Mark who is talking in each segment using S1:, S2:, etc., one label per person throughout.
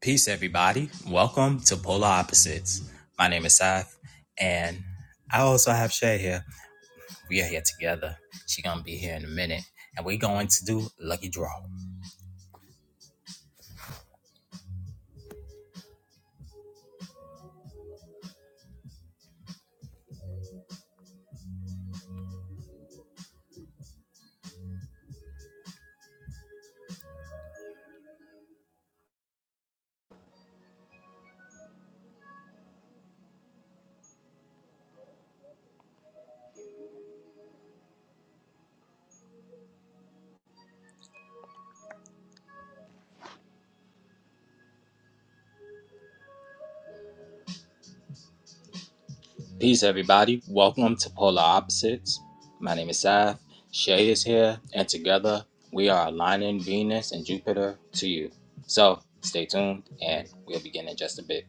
S1: Peace, everybody. Welcome to Polar Opposites. My name is Seth, and I also have Shay here. We are here together. She's gonna be here in a minute, and we're going to do lucky draw. Peace, everybody. Welcome to Polar Opposites. My name is Seth. Shay is here, and together we are aligning Venus and Jupiter to you. So stay tuned, and we'll begin in just a bit.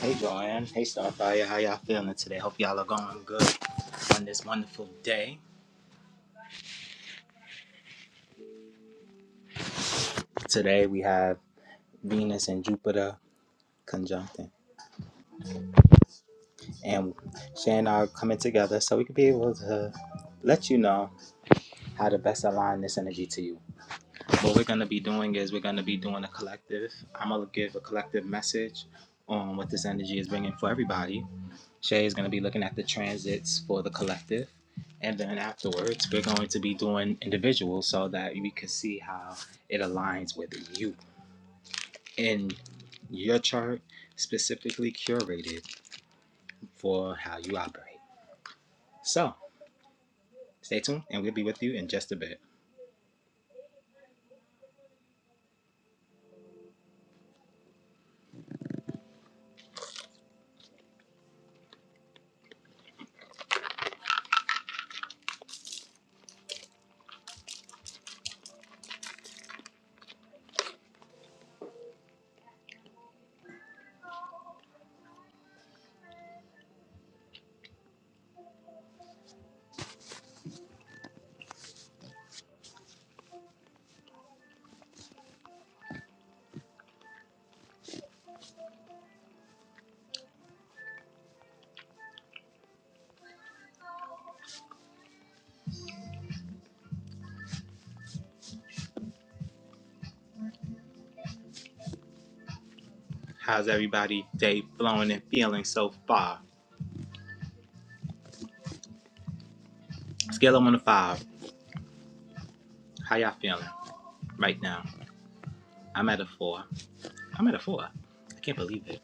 S1: Hey, Joanne. Hey, Starfire. How y'all feeling today? Hope y'all are going good on this wonderful day. Today we have Venus and Jupiter conjuncting and Shay Shan are coming together so we could be able to let you know how to best align this energy to you. What we're gonna be doing is we're gonna be doing a collective. I'm gonna give a collective message on what this energy is bringing for everybody. Shay is gonna be looking at the transits for the collective, and then afterwards we're going to be doing individuals so that we can see how it aligns with you in your chart specifically curated for how you operate. So stay tuned and we'll be with you in just a bit. How's everybody day flowing and feeling so far? Scale of one to five. How y'all feeling right now? I'm at a four. I'm at a four. I can't believe it.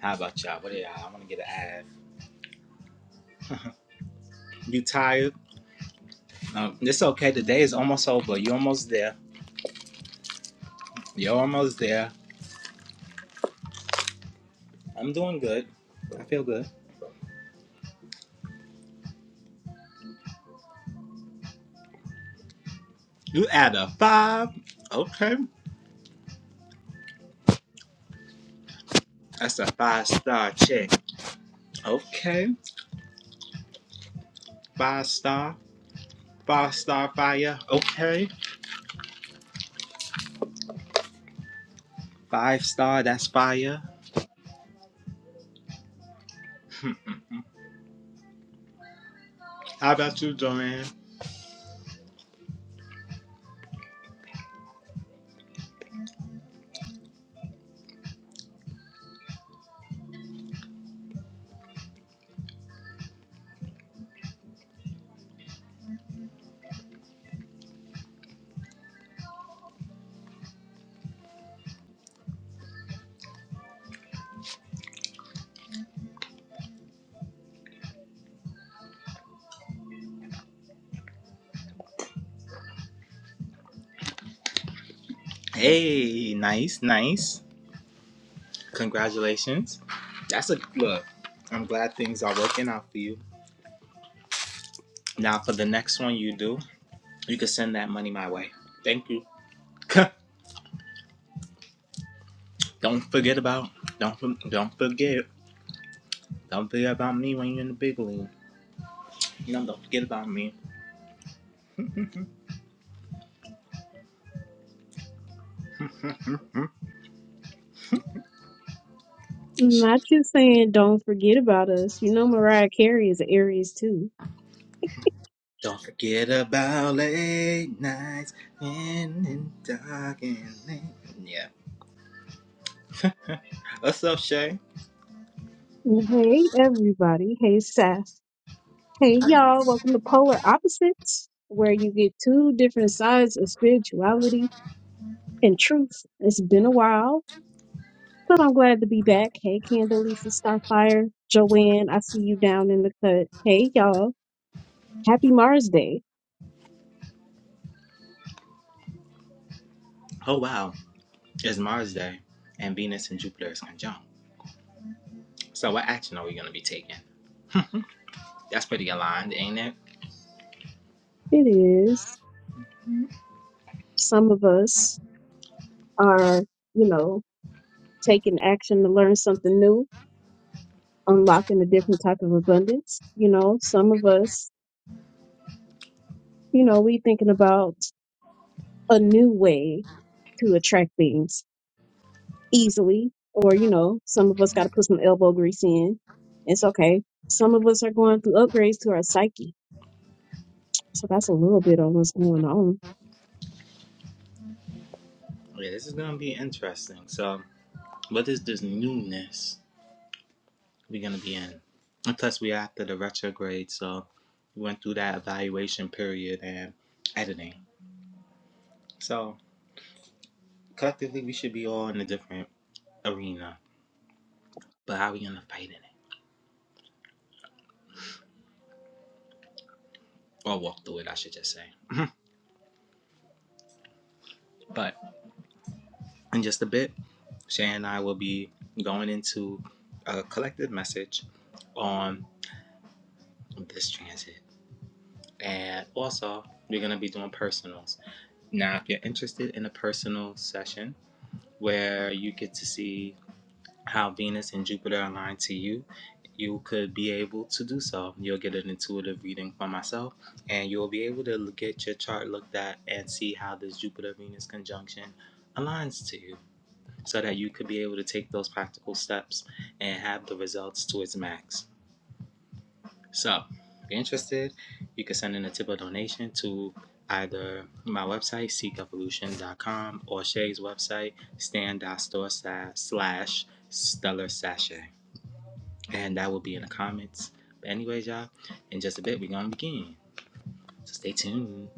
S1: How about y'all? What are y'all? I want to get an F. You tired? Um, it's okay. The day is almost over. You're almost there. You're almost there. I'm doing good. I feel good. You at a five? Okay. That's a five star check. Okay. Five star. Five star fire. Okay. Five star, that's fire. How about you, Joanne? Hey, nice, nice. Congratulations. That's a look. I'm glad things are working out for you. Now, for the next one you do, you can send that money my way. Thank you. don't forget about don't don't forget don't forget about me when you're in the big league. You know, don't forget about me.
S2: Not just saying don't forget about us. You know Mariah Carey is an Aries too.
S1: Don't forget about late nights in the dark and late. Yeah. What's up, Shay?
S2: And Hey everybody. Hey Seth. Hey y'all. Welcome to Polar Opposites, where you get two different sides of spirituality and truth. It's been a while, but I'm glad to be back. Hey Candelisa Starfire. Joanne, I see you down in the cut. Hey y'all. Happy Mars Day.
S1: Oh, wow. It's Mars Day, and Venus and Jupiter is conjunct. So, what action are we going to be taking? That's pretty aligned, ain't it?
S2: It is. Some of us are, you know, taking action to learn something new unlocking a different type of abundance. You know, some of us, you know, we thinking about a new way to attract things easily, or you know, some of us got to put some elbow grease in. It's okay. Some of us are going through upgrades to our psyche, so that's a little bit on what's going on.
S1: Yeah, this is going to be interesting. So, what is this newness we're going to be in? And plus, we're after the retrograde, so we went through that evaluation period and editing. So, collectively, we should be all in a different arena. But how are we going to fight in it? or walk through it, I should just say. but in just a bit, Shay and I will be going into a collective message on this transit. And also, we're going to be doing personals. Now, if you're interested in a personal session where you get to see how Venus and Jupiter align to you, you could be able to do so. You'll get an intuitive reading from myself, and you'll be able to get your chart looked at and see how this Jupiter Venus conjunction aligns to you. so that you could be able to take those practical steps and have the results to its max. So, if you're interested, you can send in a tip or donation to either my website, seekevolution.com, or Shay's website, stan.store slash stellar sachet. And that will be in the comments. But anyways, y'all, in just a bit, we're going to begin. So stay tuned.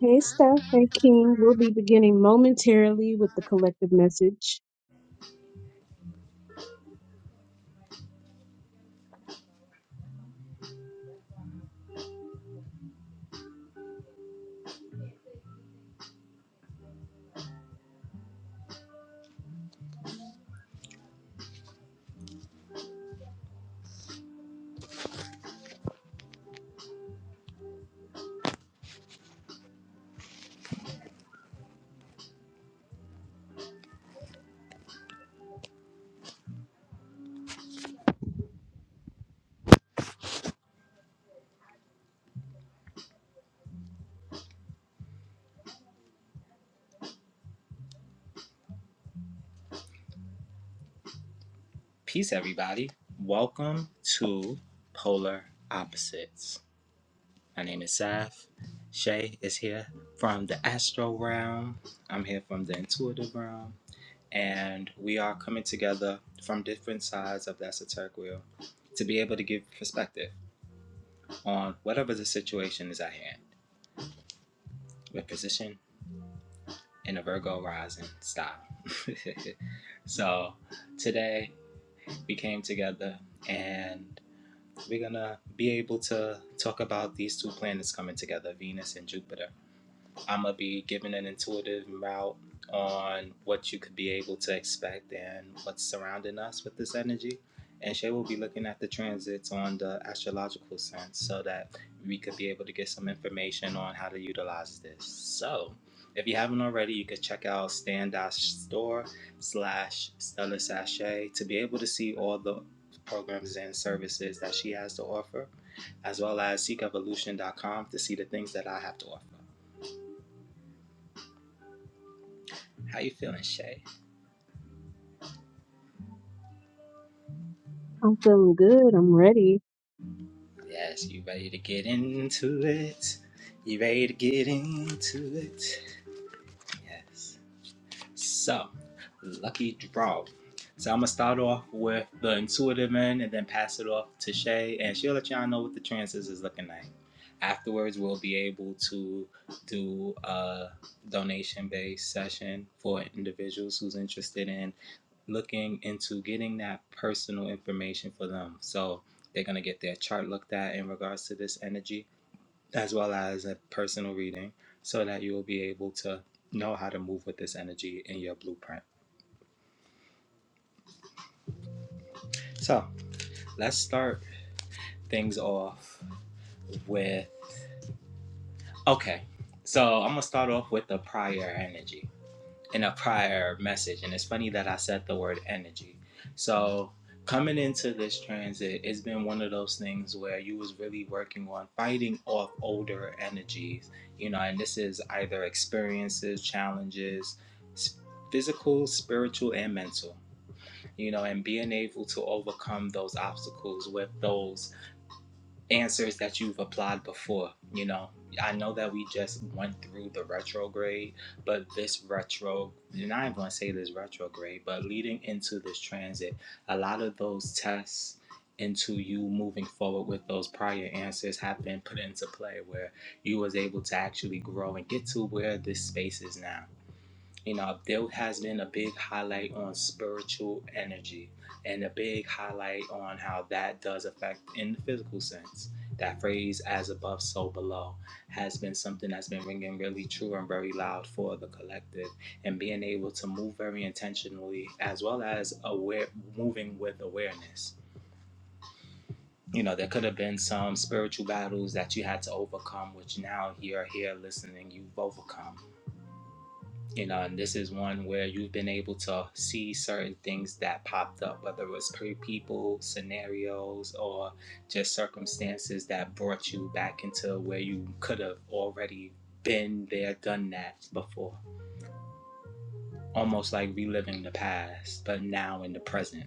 S2: Hey, Steph. Hey, King. We'll be beginning momentarily with the collective message.
S1: Peace, everybody. Welcome to Polar Opposites. My name is Saf. Shay is here from the Astro realm. I'm here from the intuitive realm. And we are coming together from different sides of the esoteric wheel to be able to give perspective on whatever the situation is at hand. We're positioned in a Virgo rising style. so today we came together and we're gonna be able to talk about these two planets coming together, Venus and Jupiter I'm gonna be giving an intuitive route on what you could be able to expect and what's surrounding us with this energy. And Shay will be looking at the transits on the astrological sense so that we could be able to get some information on how to utilize this. So if you haven't already, you could check out Stand Store slash stellar Sachet to be able to see all the programs and services that she has to offer, as well as seekevolution.com to see the things that I have to offer. How you feeling, Shay?
S2: I'm feeling good. I'm ready.
S1: Yes, you ready to get into it? You ready to get into it? Yes. So, lucky draw. So I'm gonna start off with the intuitive end and then pass it off to Shay, and she'll let y'all know what the chances is looking like. Afterwards, we'll be able to do a donation-based session for individuals who's interested in looking into getting that personal information for them. So they're going to get their chart looked at in regards to this energy, as well as a personal reading, so that you will be able to know how to move with this energy in your blueprint. So let's start things off with okay. So I'm going to start off with the prior energy. in a prior message, and it's funny that I said the word energy. So coming into this transit, it's been one of those things where you was really working on fighting off older energies, you know, and this is either experiences, challenges, physical, spiritual, and mental. You know, and being able to overcome those obstacles with those answers that you've applied before. You know, I know that we just went through the retrograde, but this retro, and I ain't gonna say this retrograde, but leading into this transit, a lot of those tests into you moving forward with those prior answers have been put into play where you was able to actually grow and get to where this space is now you know there has been a big highlight on spiritual energy and a big highlight on how that does affect in the physical sense that phrase as above so below has been something that's been ringing really true and very loud for the collective and being able to move very intentionally as well as aware moving with awareness you know there could have been some spiritual battles that you had to overcome which now you are here listening you've overcome you know and this is one where you've been able to see certain things that popped up whether it was pre people scenarios or just circumstances that brought you back into where you could have already been there done that before almost like reliving the past but now in the present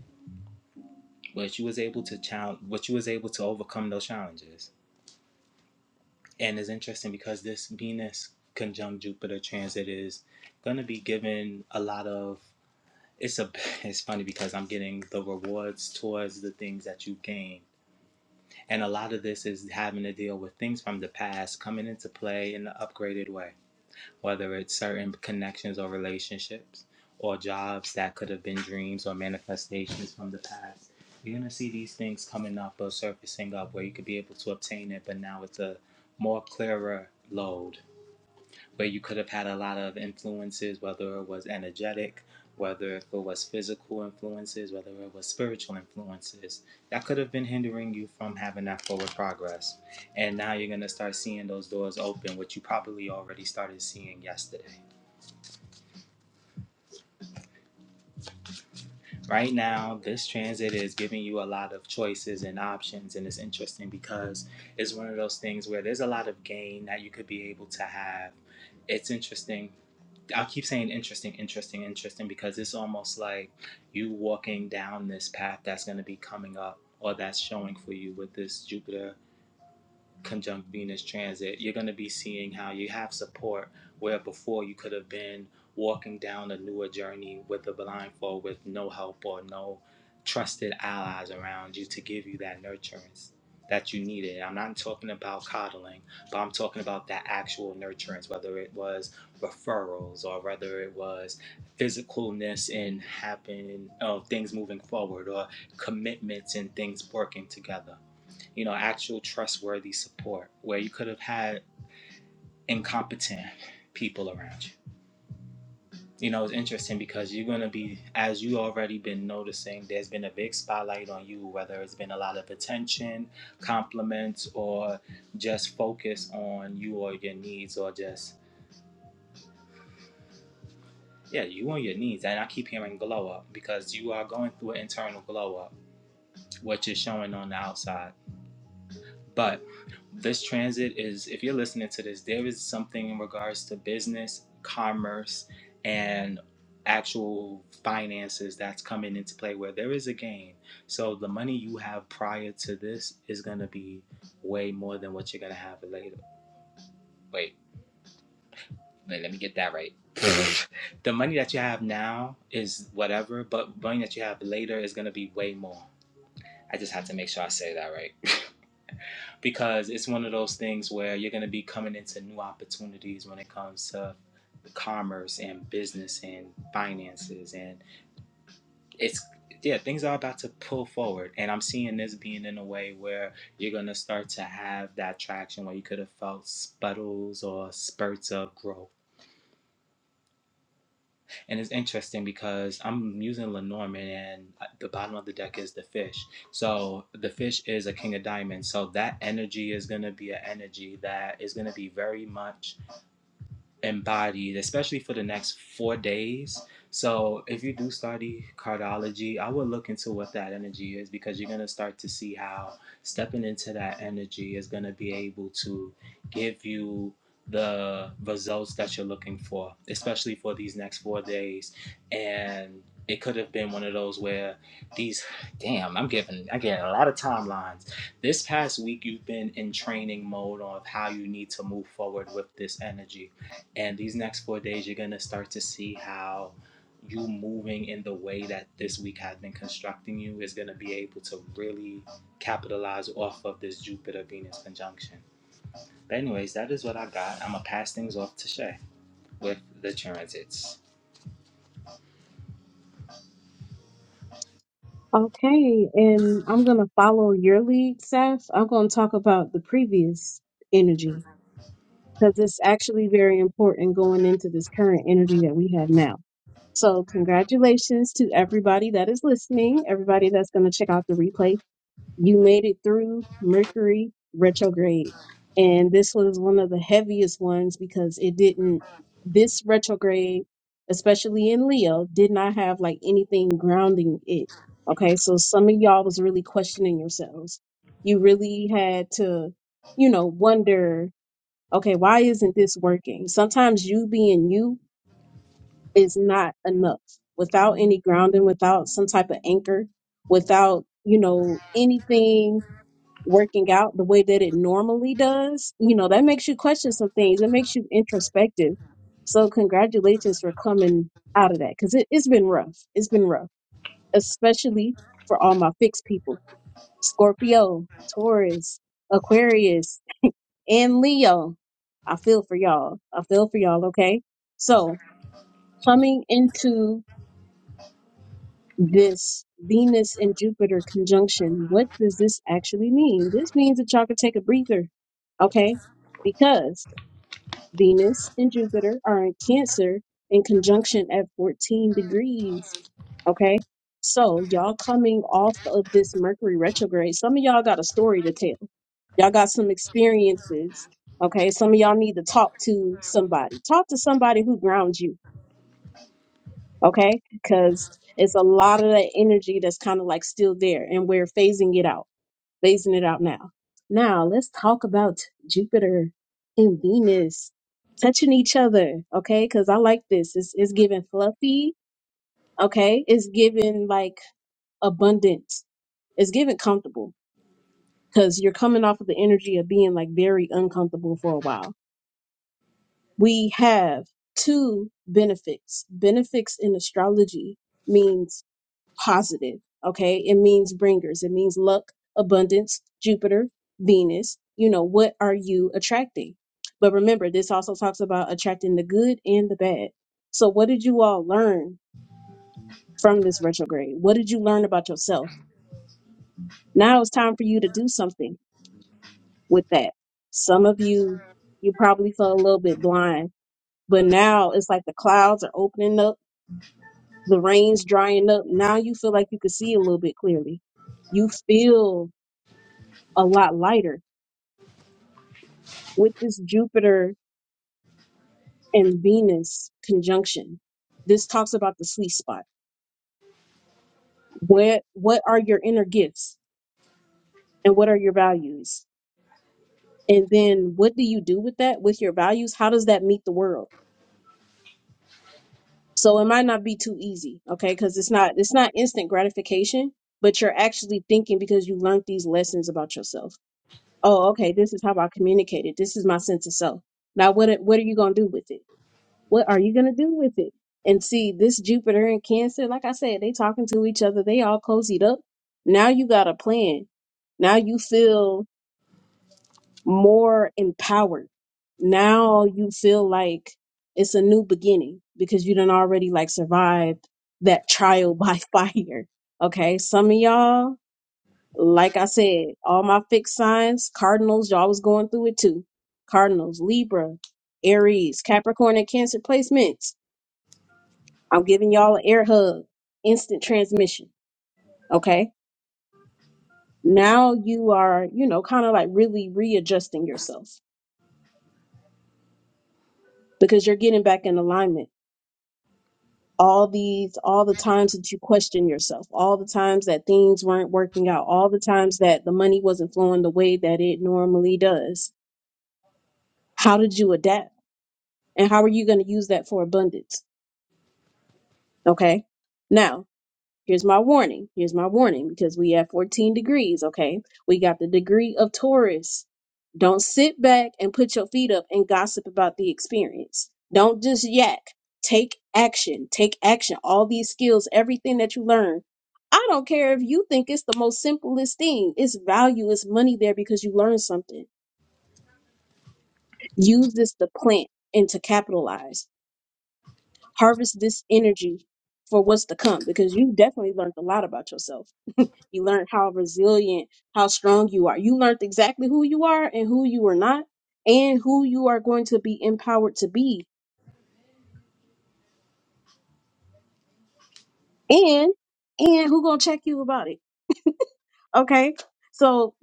S1: but you was able to challenge what you was able to overcome those challenges and it's interesting because this venus conjunct jupiter transit is going to be given a lot of it's a it's funny because I'm getting the rewards towards the things that you gain. And a lot of this is having to deal with things from the past coming into play in an upgraded way, whether it's certain connections or relationships or jobs that could have been dreams or manifestations from the past. You're gonna see these things coming up or surfacing up where you could be able to obtain it, but now it's a more clearer load where you could have had a lot of influences, whether it was energetic, whether if it was physical influences, whether it was spiritual influences, that could have been hindering you from having that forward progress. And now you're going to start seeing those doors open, which you probably already started seeing yesterday. Right now, this transit is giving you a lot of choices and options, and it's interesting because it's one of those things where there's a lot of gain that you could be able to have. It's interesting I'll keep saying interesting, interesting, interesting because it's almost like you walking down this path that's going to be coming up or that's showing for you with this Jupiter conjunct Venus transit, you're going to be seeing how you have support where before you could have been walking down a newer journey with a blindfold with no help or no trusted allies around you to give you that nurturance that you needed. I'm not talking about coddling, but I'm talking about that actual nurturance, whether it was referrals or whether it was physicalness and happening of things moving forward or commitments and things working together you know, actual trustworthy support where you could have had incompetent people around you. You know, it's interesting because you're going to be, as you already been noticing, there's been a big spotlight on you, whether it's been a lot of attention, compliments, or just focus on you or your needs, or just, yeah, you on your needs. And I keep hearing glow up because you are going through an internal glow up, what you're showing on the outside. But this transit is, if you're listening to this, there is something in regards to business, commerce, and actual finances that's coming into play where there is a gain. So the money you have prior to this is going to be way more than what you're going to have later. Wait, wait, let me get that right. the money that you have now is whatever, but money that you have later is going to be way more. I just have to make sure I say that right. because it's one of those things where you're going to be coming into new opportunities when it comes to commerce and business and finances and it's yeah things are about to pull forward and i'm seeing this being in a way where you're going to start to have that traction where you could have felt sputtles or spurts of growth And it's interesting because I'm using Lenormand and uh, the bottom of the deck is the fish. So the fish is a king of diamonds. So that energy is going to be an energy that is going to be very much embodied, especially for the next four days. So if you do study cardiology, I would look into what that energy is because you're gonna start to see how stepping into that energy is gonna be able to give you the results that you're looking for, especially for these next four days. And it could have been one of those where these damn, I'm giving I get a lot of timelines. This past week you've been in training mode of how you need to move forward with this energy and these next four days, you're gonna start to see how you moving in the way that this week has been constructing you is gonna be able to really capitalize off of this Jupiter Venus conjunction. But anyways, that is what I got. I'm gonna pass things off to Shay with the transits.
S2: Okay, and I'm going to follow your lead, Seth. I'm going to talk about the previous energy because it's actually very important going into this current energy that we have now. So, congratulations to everybody that is listening, everybody that's going to check out the replays you made it through Mercury retrograde. And this was one of the heaviest ones because it didn't, this retrograde, especially in Leo, did not have like anything grounding it. Okay. So some of y'all was really questioning yourselves. You really had to, you know, wonder, okay, why isn't this working? Sometimes you being you is not enough without any grounding, without some type of anchor, without, you know, anything working out the way that it normally does, you know, that makes you question some things. It makes you introspective. So congratulations for coming out of that because it, it's been rough. It's been rough, especially for all my fixed people. Scorpio, Taurus, Aquarius, and Leo. I feel for y'all. I feel for y'all, okay? So coming into this Venus and Jupiter conjunction, what does this actually mean? This means that y'all can take a breather, okay? Because Venus and Jupiter are in Cancer in conjunction at 14 degrees, okay? So y'all coming off of this Mercury retrograde, some of y'all got a story to tell. Y'all got some experiences, okay? Some of y'all need to talk to somebody. Talk to somebody who grounds you okay? Because it's a lot of that energy that's kind of like still there, and we're phasing it out, phasing it out now. Now, let's talk about Jupiter and Venus touching each other, okay? Because I like this. It's, it's giving fluffy, okay? It's giving like abundance, it's giving comfortable because you're coming off of the energy of being like very uncomfortable for a while. We have two benefits. Benefits in astrology means positive. Okay. It means bringers. It means luck, abundance, Jupiter, Venus. You know, what are you attracting? But remember, this also talks about attracting the good and the bad. So, what did you all learn from this retrograde? What did you learn about yourself? Now it's time for you to do something with that. Some of you, you probably felt a little bit blind, but now it's like the clouds are opening up, the rain's drying up. Now you feel like you can see a little bit clearly. You feel a lot lighter with this Jupiter and Venus conjunction. This talks about the sweet spot. What what are your inner gifts and what are your values? And then what do you do with that with your values? How does that meet the world? So it might not be too easy, okay? Cuz it's not it's not instant gratification, but you're actually thinking because you learned these lessons about yourself. Oh, okay, this is how I communicated. This is my sense of self. Now what what are you going to do with it? What are you going to do with it? And see, this Jupiter and Cancer, like I said, they talking to each other. They all cozied up. Now you got a plan. Now you feel more empowered. Now you feel like it's a new beginning because you done already like survived that trial by fire. Okay. Some of y'all, like I said, all my fixed signs, cardinals, y'all was going through it too. Cardinals, Libra, Aries, Capricorn, and Cancer placements I'm giving y'all an air hug, instant transmission. Okay. Now you are, you know, kind of like really readjusting yourself because you're getting back in alignment. All these, all the times that you question yourself, all the times that things weren't working out, all the times that the money wasn't flowing the way that it normally does. How did you adapt? And how are you going to use that for abundance? Okay. Now, Here's my warning. Here's my warning because we have 14 degrees, okay? We got the degree of Taurus. Don't sit back and put your feet up and gossip about the experience. Don't just yak. Take action. Take action. All these skills, everything that you learn. I don't care if you think it's the most simplest thing. It's value, it's money there because you learned something. Use this to plant and to capitalize. Harvest this energy for what's to come because you definitely learned a lot about yourself You learned how resilient, how strong you are. You learned exactly who you are and who you are not, and who you are going to be empowered to be, and and who gonna check you about it. Okay, so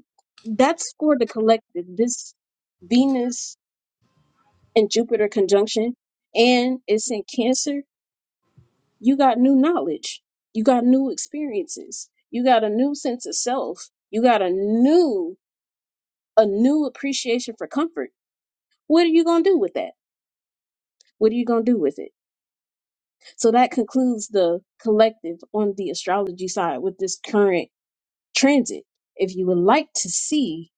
S2: that's for the collective. This Venus and Jupiter conjunction, and it's in Cancer. You got new knowledge. You got new experiences. You got a new sense of self. You got a new a new appreciation for comfort. What are you gonna do with that? What are you going to do with it? So that concludes the collective on the astrology side with this current transit. If you would like to see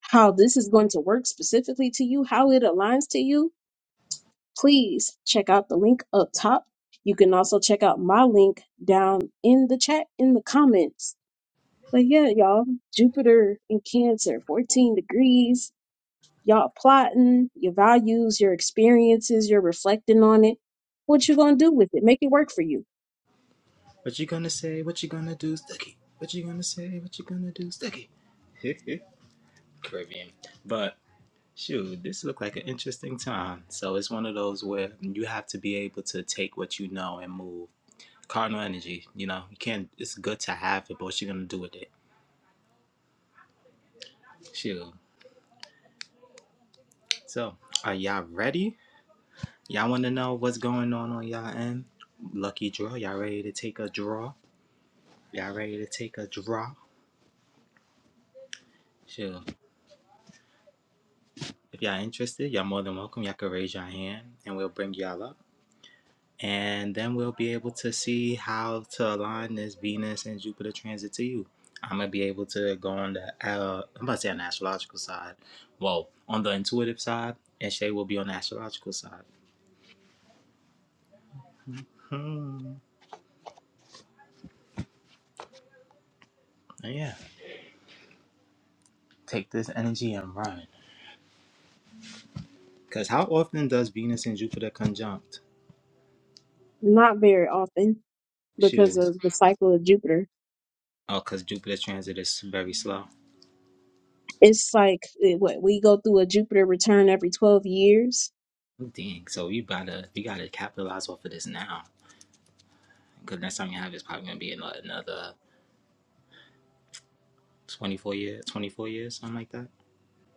S2: how this is going to work specifically to you, how it aligns to you, please check out the link up top. You can also check out my link down in the chat in the comments. But yeah, y'all, Jupiter in Cancer, 14 degrees. Y'all plotting your values, your experiences, you're reflecting on it. What you gonna do with it? Make it work for you
S1: What you gonna say? What you gonna do, Sticky? What you gonna say? What you gonna do, Sticky? Caribbean. But shoot, this looked like an interesting time. So it's one of those where you have to be able to take what you know and move. Cardinal energy, you know, you can't. It's good to have it, but what you gonna do with it? Shoot. So, are y'all ready? Y'all wanna know what's going on on y'all end? Lucky draw. Y'all ready to take a draw? Y'all ready to take a draw? Shoot. If y'all interested, y'all more than welcome. Y'all can raise your hand, and we'll bring y'all up. and then we'll be able to see how to align this Venus and Jupiter transit to you. I'm gonna be able to go on the uh, I'm about to say on the astrological side, well, on the intuitive side, and Shay will be on the astrological side. Hmm. And yeah, take this energy and run. Cause how often does Venus and Jupiter conjunct?
S2: Not very often because
S1: Shoot.
S2: of the cycle of Jupiter.
S1: Oh, cause Jupiter transit is very slow.
S2: It's like eh, what we go through a Jupiter return every 12 years.
S1: Oh, dang. So you gotta you gotta capitalize off of this now. Cause next time you have it's probably gonna be in like, another. 24 years, 24 years, something like that.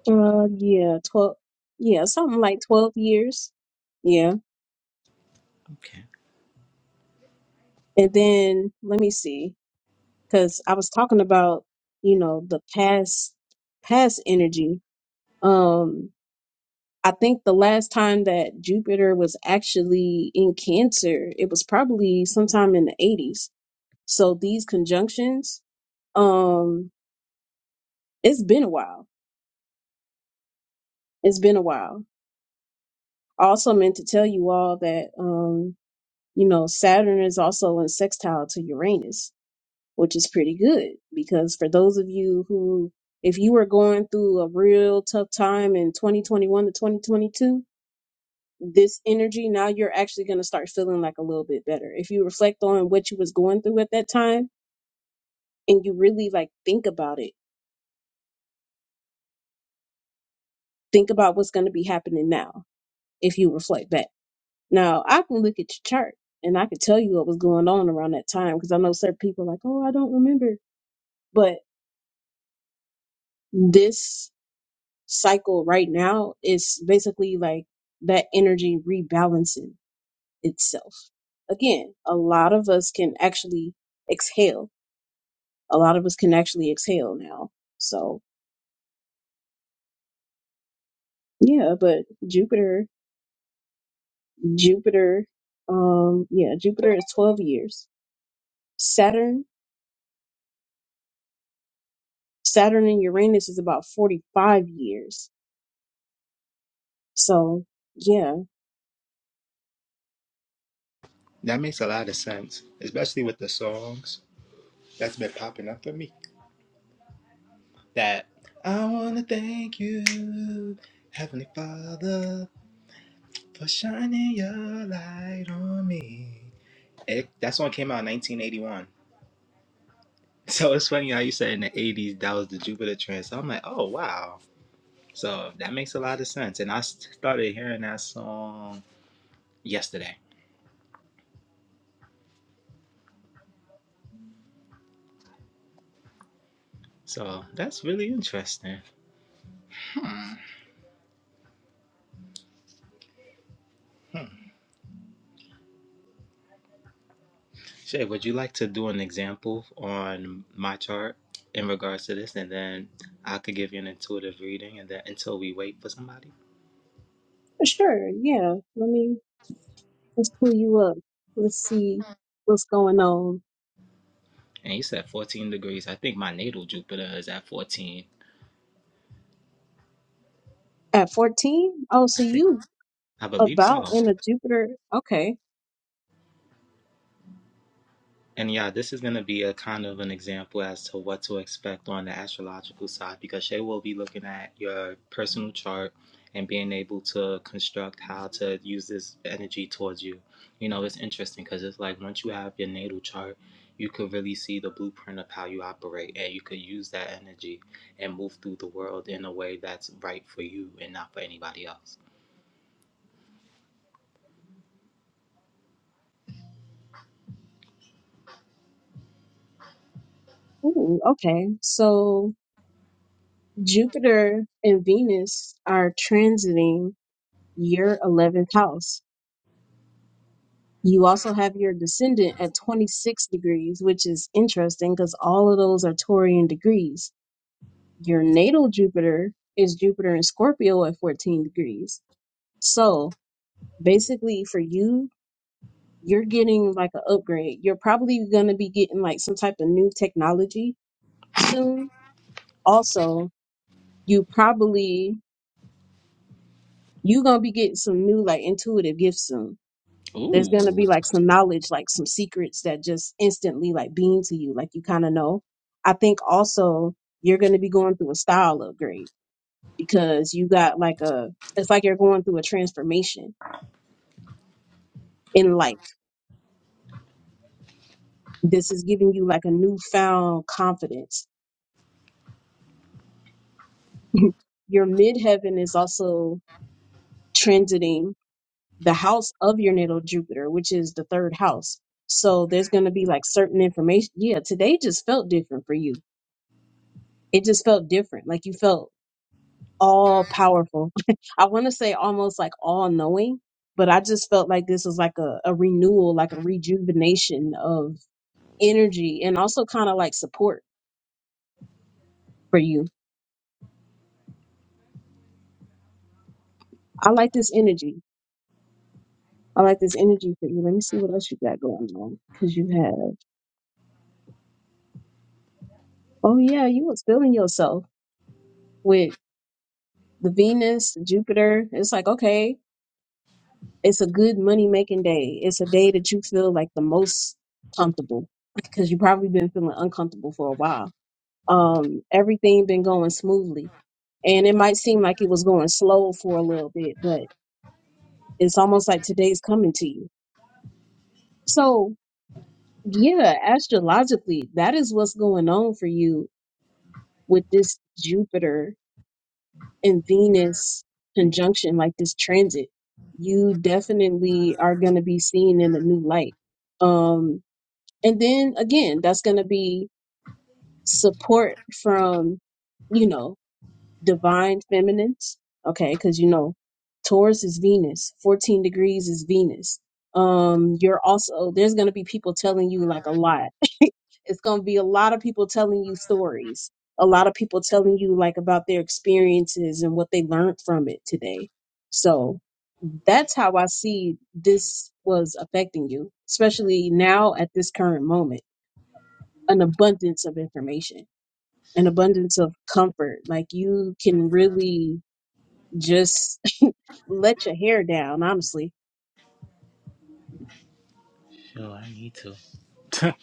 S2: Uh, yeah, 12. Yeah, something like 12 years. Yeah.
S1: Okay.
S2: And then let me see, because I was talking about, you know, the past, past energy. Um, I think the last time that Jupiter was actually in Cancer, it was probably sometime in the 80s. So these conjunctions, um, it's been a while. It's been a while. I also meant to tell you all that um, you know, Saturn is also in sextile to Uranus, which is pretty good because for those of you who if you were going through a real tough time in 2021 to 2022, this energy now you're actually going to start feeling like a little bit better. If you reflect on what you was going through at that time and you really like think about it, think about what's going to be happening now if you reflect back Now I can look at your chart and I can tell you what was going on around that time because I know certain people are like, oh, I don't remember. But this cycle right now is basically like that energy rebalancing itself. Again, a lot of us can actually exhale. A lot of us can actually exhale now. So yeah, but Jupiter, Jupiter, um, yeah, Jupiter is 12 years. Saturn, Saturn and Uranus is about 45 years So yeah,
S1: That makes a lot of sense, especially with the songs that's been popping up for me. That I want to thank you, Heavenly Father, for shining your light on me. It, that song came out in 1981. So it's funny how you said in the 80s that was the Jupiter trend. So I'm like, oh, wow. So that makes a lot of sense. And I started hearing that song yesterday. So that's really interesting. Hmm. Hmm. Shay, would you like to do an example on my chart in regards to this? And then I could give you an intuitive reading and then until we wait for somebody.
S2: sure. Yeah. Let me let's pull you up. Let's see what's going on.
S1: And you said 14 degrees. I think my natal Jupiter is at 14.
S2: At 14? Oh, so
S1: I think
S2: you
S1: I believe
S2: about
S1: so.
S2: in a Jupiter. Okay.
S1: And yeah, this is going to be a kind of an example as to what to expect on the astrological side because Shay will be looking at your personal chart and being able to construct how to use this energy towards you. You know, it's interesting because it's like once you have your natal chart, you could really see the blueprint of how you operate and you could use that energy and move through the world in a way that's right for you and not for anybody else.
S2: Ooh, okay. So Jupiter and Venus are transiting your 11th house. You also have your descendant at 26 degrees, which is interesting because all of those are Taurian degrees. Your natal Jupiter is Jupiter in Scorpio at 14 degrees. So basically for you you're getting like an upgrade you're probably going to be getting like some type of new technology soon also you probably you're going to be getting some new like intuitive gifts soon there's going to
S1: Ooh.
S2: be like some knowledge like some secrets that just instantly like beam to you like you kind of know i think also you're going to be going through a style upgrade because you got like a it's like you're going through a transformation in life this is giving you like a newfound confidence your midheaven is also transiting the house of your natal Jupiter, which is the third house. So there's going to be like certain information. Yeah, today just felt different for you. It just felt different. Like you felt all powerful. I want to say almost like all knowing, but I just felt like this was like a, a renewal, like a rejuvenation of energy and also kind of like support for you. I like this energy. I like this energy for you. Let me see what else you got going on because you have. Oh yeah, you was feeling yourself with the Venus, the Jupiter. It's like, okay, it's a good money making day. It's a day that you feel like the most comfortable because you probably been feeling uncomfortable for a while. Um, everything been going smoothly. And it might seem like it was going slow for a little bit, but it's almost like today's coming to you. So yeah, astrologically, that is what's going on for you with this Jupiter in Venus conjunction, like this transit, you definitely are going to be seen in a new light. Um, and then again, that's going to be support from, you know, divine feminines. Okay. Cause you know, Taurus is Venus, 14 degrees is Venus. Um, you're also, there's going to be people telling you like a lot it's going to be a lot of people telling you stories a lot of people telling you like about their experiences and what they learned from it today so that's how i see this was affecting you especially now at this current moment an abundance of information an abundance of comfort like you can really just let your hair down honestly
S1: Yo, I need to.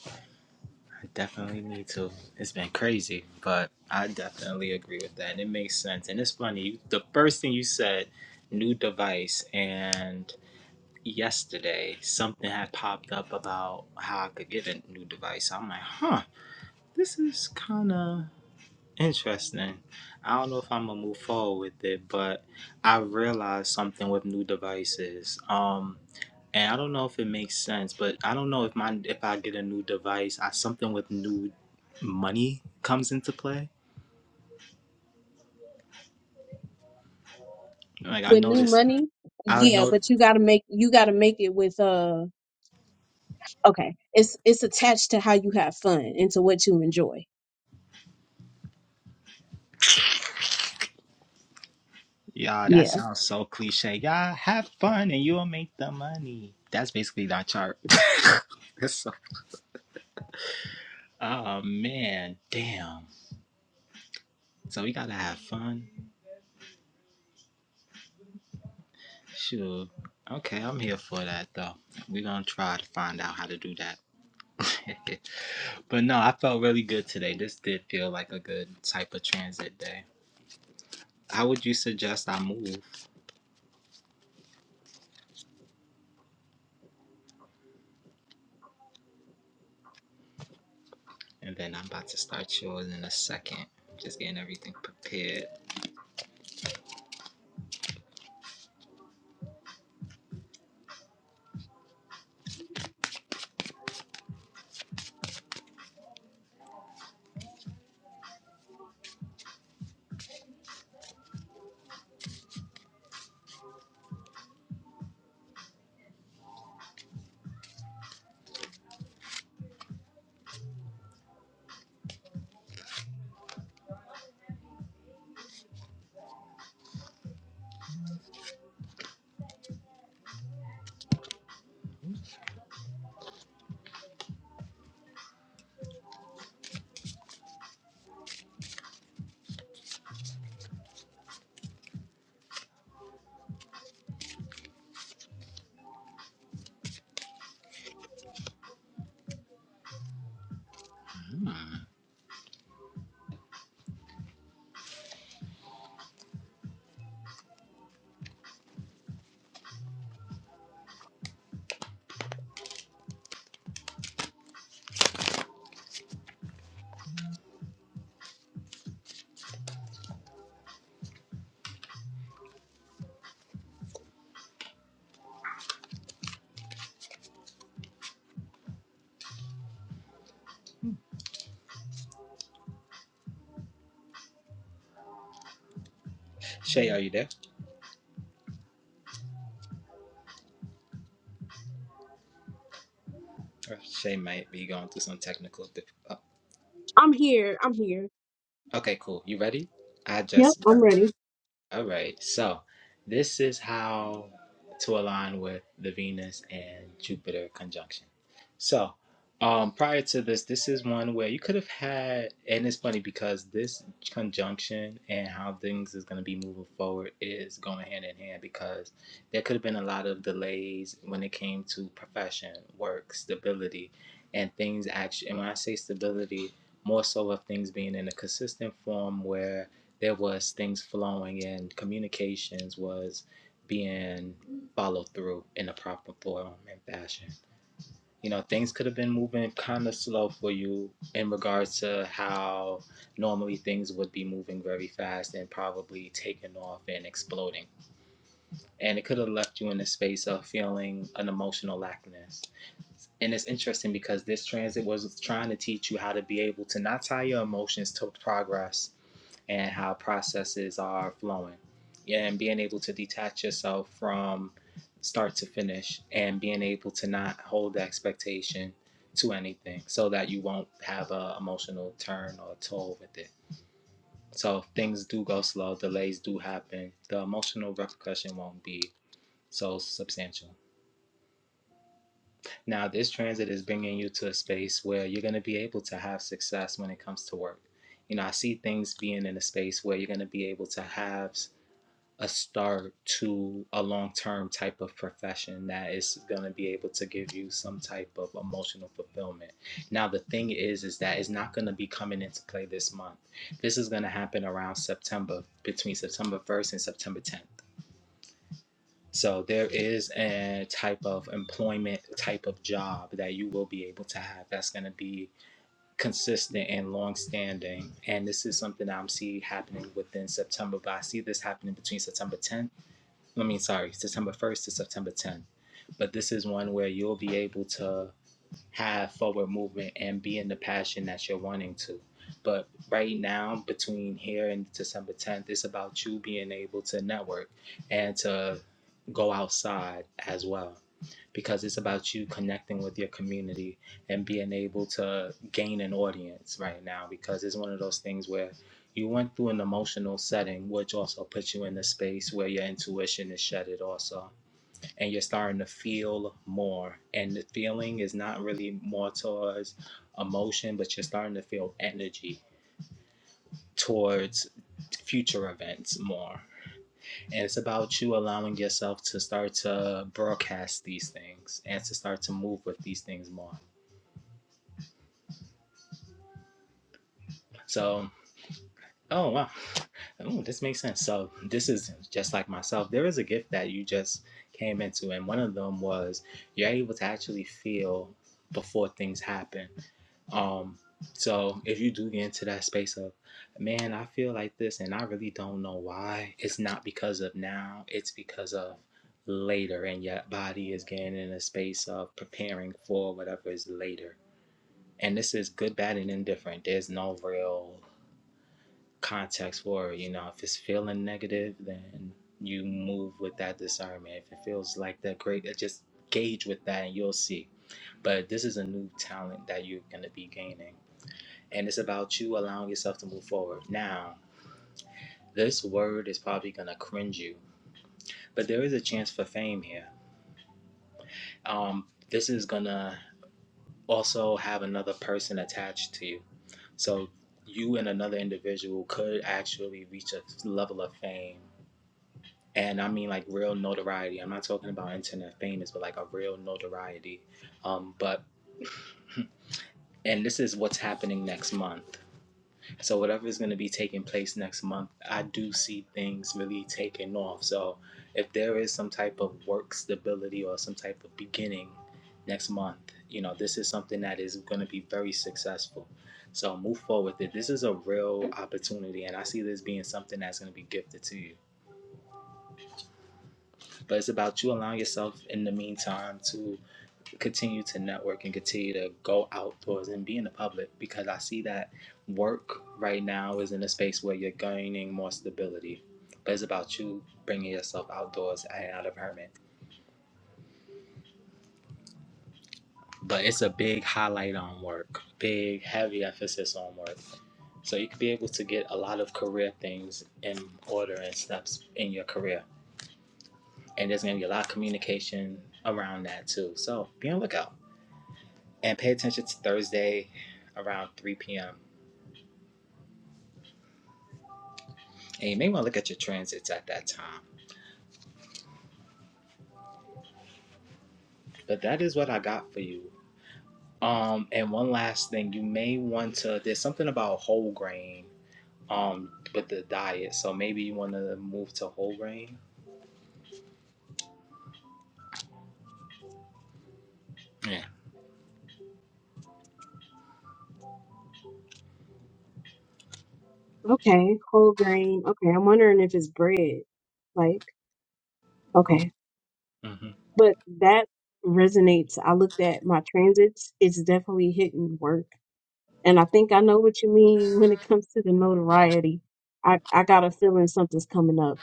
S1: I definitely need to. It's been crazy, but I definitely agree with that. And it makes sense. And it's funny. You, the first thing you said, new device, and yesterday something had popped up about how I could get a new device. I'm like, huh, this is kind of interesting. I don't know if I'm gonna move forward with it, but I realized something with new devices. Um, and I don't know if it makes sense, but I don't know if my if I get a new device, I something with new money comes into play. Like I
S2: with new
S1: noticed,
S2: money
S1: I
S2: yeah
S1: know.
S2: but you got to make you got to make it with uh. Okay. It's it's attached to how you have fun and to what you enjoy.
S1: Yeah, that
S2: Yeah.
S1: sounds so cliche. Y'all have fun and you'll make the money. That's basically that chart. That's so- oh man, damn. So we gotta have fun. Sure. Okay, I'm here for that though. We're gonna try to find out how to do that. but no, I felt really good today. This did feel like a good type of transit day. How would you suggest I move? And then I'm about to start yours in a second. Just getting everything prepared. Hmm. Shay, are you there? Or Shay might be going through some technical. Dif- oh,
S2: I'm here. I'm here.
S1: okay, cool. You ready? I
S2: Yep,
S1: just got.
S2: I'm ready.
S1: All right. So this is how to align with the Venus and Jupiter conjunction. So um, prior to this, this is one where you could have had, and it's funny because this conjunction and how things is going to be moving forward is going hand in hand because there could have been a lot of delays when it came to profession, work, stability, and things actually. And when I say stability, more so of things being in a consistent form where there was things flowing and communications was being followed through in a proper form and fashion. You know, things could have been moving kind of slow for you in regards to how normally things would be moving very fast and probably taking off and exploding. And it could have left you in a space of feeling an emotional lackness. And it's interesting because this transit was trying to teach you how to be able to not tie your emotions to progress and how processes are flowing Yeah, and being able to detach yourself from start to finish and being able to not hold the expectation to anything so that you won't have an emotional turn or toll with it so if things do go slow delays do happen the emotional repercussion won't be so substantial now this transit is bringing you to a space where you're going to be able to have success when it comes to work you know i see things being in a space where you're going to be able to have a start to a long term type of profession that is going to be able to give you some type of emotional fulfillment. Now, the thing is, is that it's not going to be coming into play this month. This is going to happen around September, between September 1st and September 10th. So, there is a type of employment, type of job that you will be able to have that's going to be consistent and long standing. And this is something that I'm seeing happening within September, but I see this happening between September 10th I mean, sorry, September 1st to September 10th. But this is one where you'll be able to have forward movement and be in the passion that you're wanting to. But right now, between here and December 10th, it's about you being able to network and to go outside as well because it's about you connecting with your community and being able to gain an audience right now because it's one of those things where you went through an emotional setting which also puts you in a space where your intuition is shattered also and you're starting to feel more and the feeling is not really more towards emotion but you're starting to feel energy towards future events more and it's about you allowing yourself to start to broadcast these things and to start to move with these things more. So, oh wow, Ooh, this makes sense. So, this is just like myself. There is a gift that you just came into, and one of them was you're able to actually feel before things happen. Um, so if you do get into that space of, man, I feel like this and I really don't know why, it's not because of now, it's because of later, and your body is getting in a space of preparing for whatever is later. And this is good, bad, and indifferent. There's no real context for it. You know, if it's feeling negative, then you move with that discernment. If it feels like that great, just gauge with that and you'll see. But this is a new talent that you're going to be gaining and it's about you allowing yourself to move forward. Now, this word is probably gonna cringe you, but there is a chance for fame here. Um, this is gonna also have another person attached to you, so you and another individual could actually reach a level of fame. And I mean like real notoriety. I'm not talking about internet famous, but like a real notoriety. Um, but and this is what's happening next month. So whatever is going to be taking place next month, I do see things really taking off. So if there is some type of work stability or some type of beginning next month, you know, this is something that is going to be very successful. So move forward with it. This is a real opportunity and I see this being something that's going to be gifted to you. But it's about you allowing yourself in the meantime to continue to network and continue to go outdoors and be in the public because I see that work right now is in a space where you're gaining more stability. But it's about you bringing yourself outdoors and out of hermit. But it's a big highlight on work, big heavy emphasis on work. So you could be able to get a lot of career things in order and steps in your career. And there's gonna be a lot of communication around that too. So be on the lookout. and pay attention to Thursday around 3 p.m. And you may want to look at your transits at that time. But that is what I got for you. Um, and one last thing, you may want to. There's something about whole grain, um, with the diet. So maybe you want to move to whole grain. Yeah.
S2: Okay. Whole grain. Okay. I'm wondering if it's bread. Like, okay.
S1: Mm-hmm.
S2: But that resonates. I looked at my transits. It's definitely hitting work. And I think I know what you mean when it comes to the notoriety. I, I got a feeling something's coming up.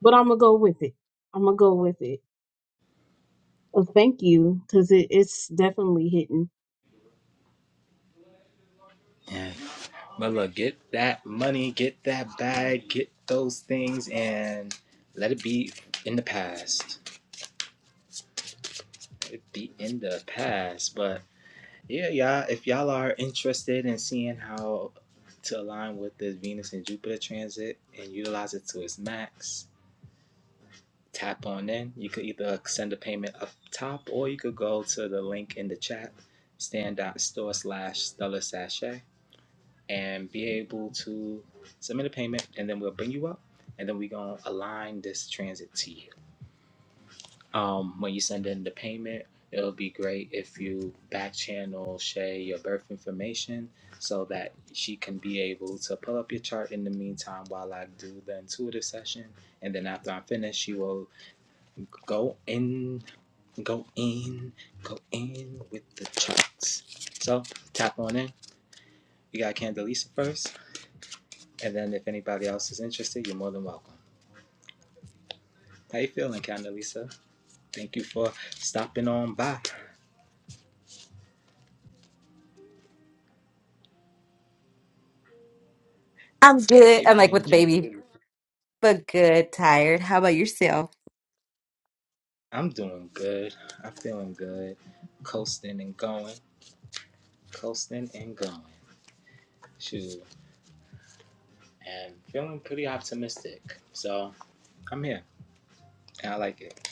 S2: But I'm gonna go with it. I'm gonna go with it. Well, thank you, because it, it's definitely hitting.
S1: Yeah. But look, get that money, get that bag, get those things, and let it be in the past. It be in the past, but Yeah, y'all. If y'all are interested in seeing how to align with this Venus and Jupiter transit and utilize it to its max, tap on in. You could either send a payment up top or you could go to the link in the chat, stand.store slash stellar sachet, and be able to submit a payment and then we'll bring you up and then we're going to align this transit to you. um, when you send in the payment, it'll be great if you back channel Shay your birth information so that she can be able to pull up your chart in the meantime while I do the intuitive session. And then after I'm finished, she will go in, go in, go in with the charts. So tap on in. You got Candelisa first. And then if anybody else is interested, you're more than welcome. How you feeling, Candelisa? Thank you for stopping on by.
S3: I'm good.
S1: Hey,
S3: I'm like with
S1: Plain
S3: the
S1: Jane.
S3: baby, but good, tired. How about yourself?
S1: I'm doing good. I'm feeling good. Coasting and going. Coasting and going. Shoot. And feeling pretty optimistic. So I'm here. And I like it.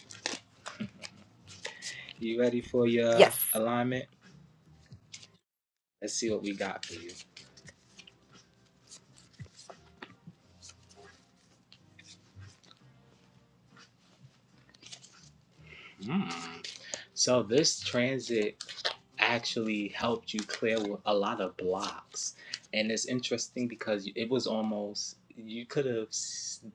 S1: You ready for your
S3: Yes.
S1: alignment? Let's see what we got for you. Hmm. So this transit actually helped you clear a lot of blocks. And it's interesting because it was almost you could have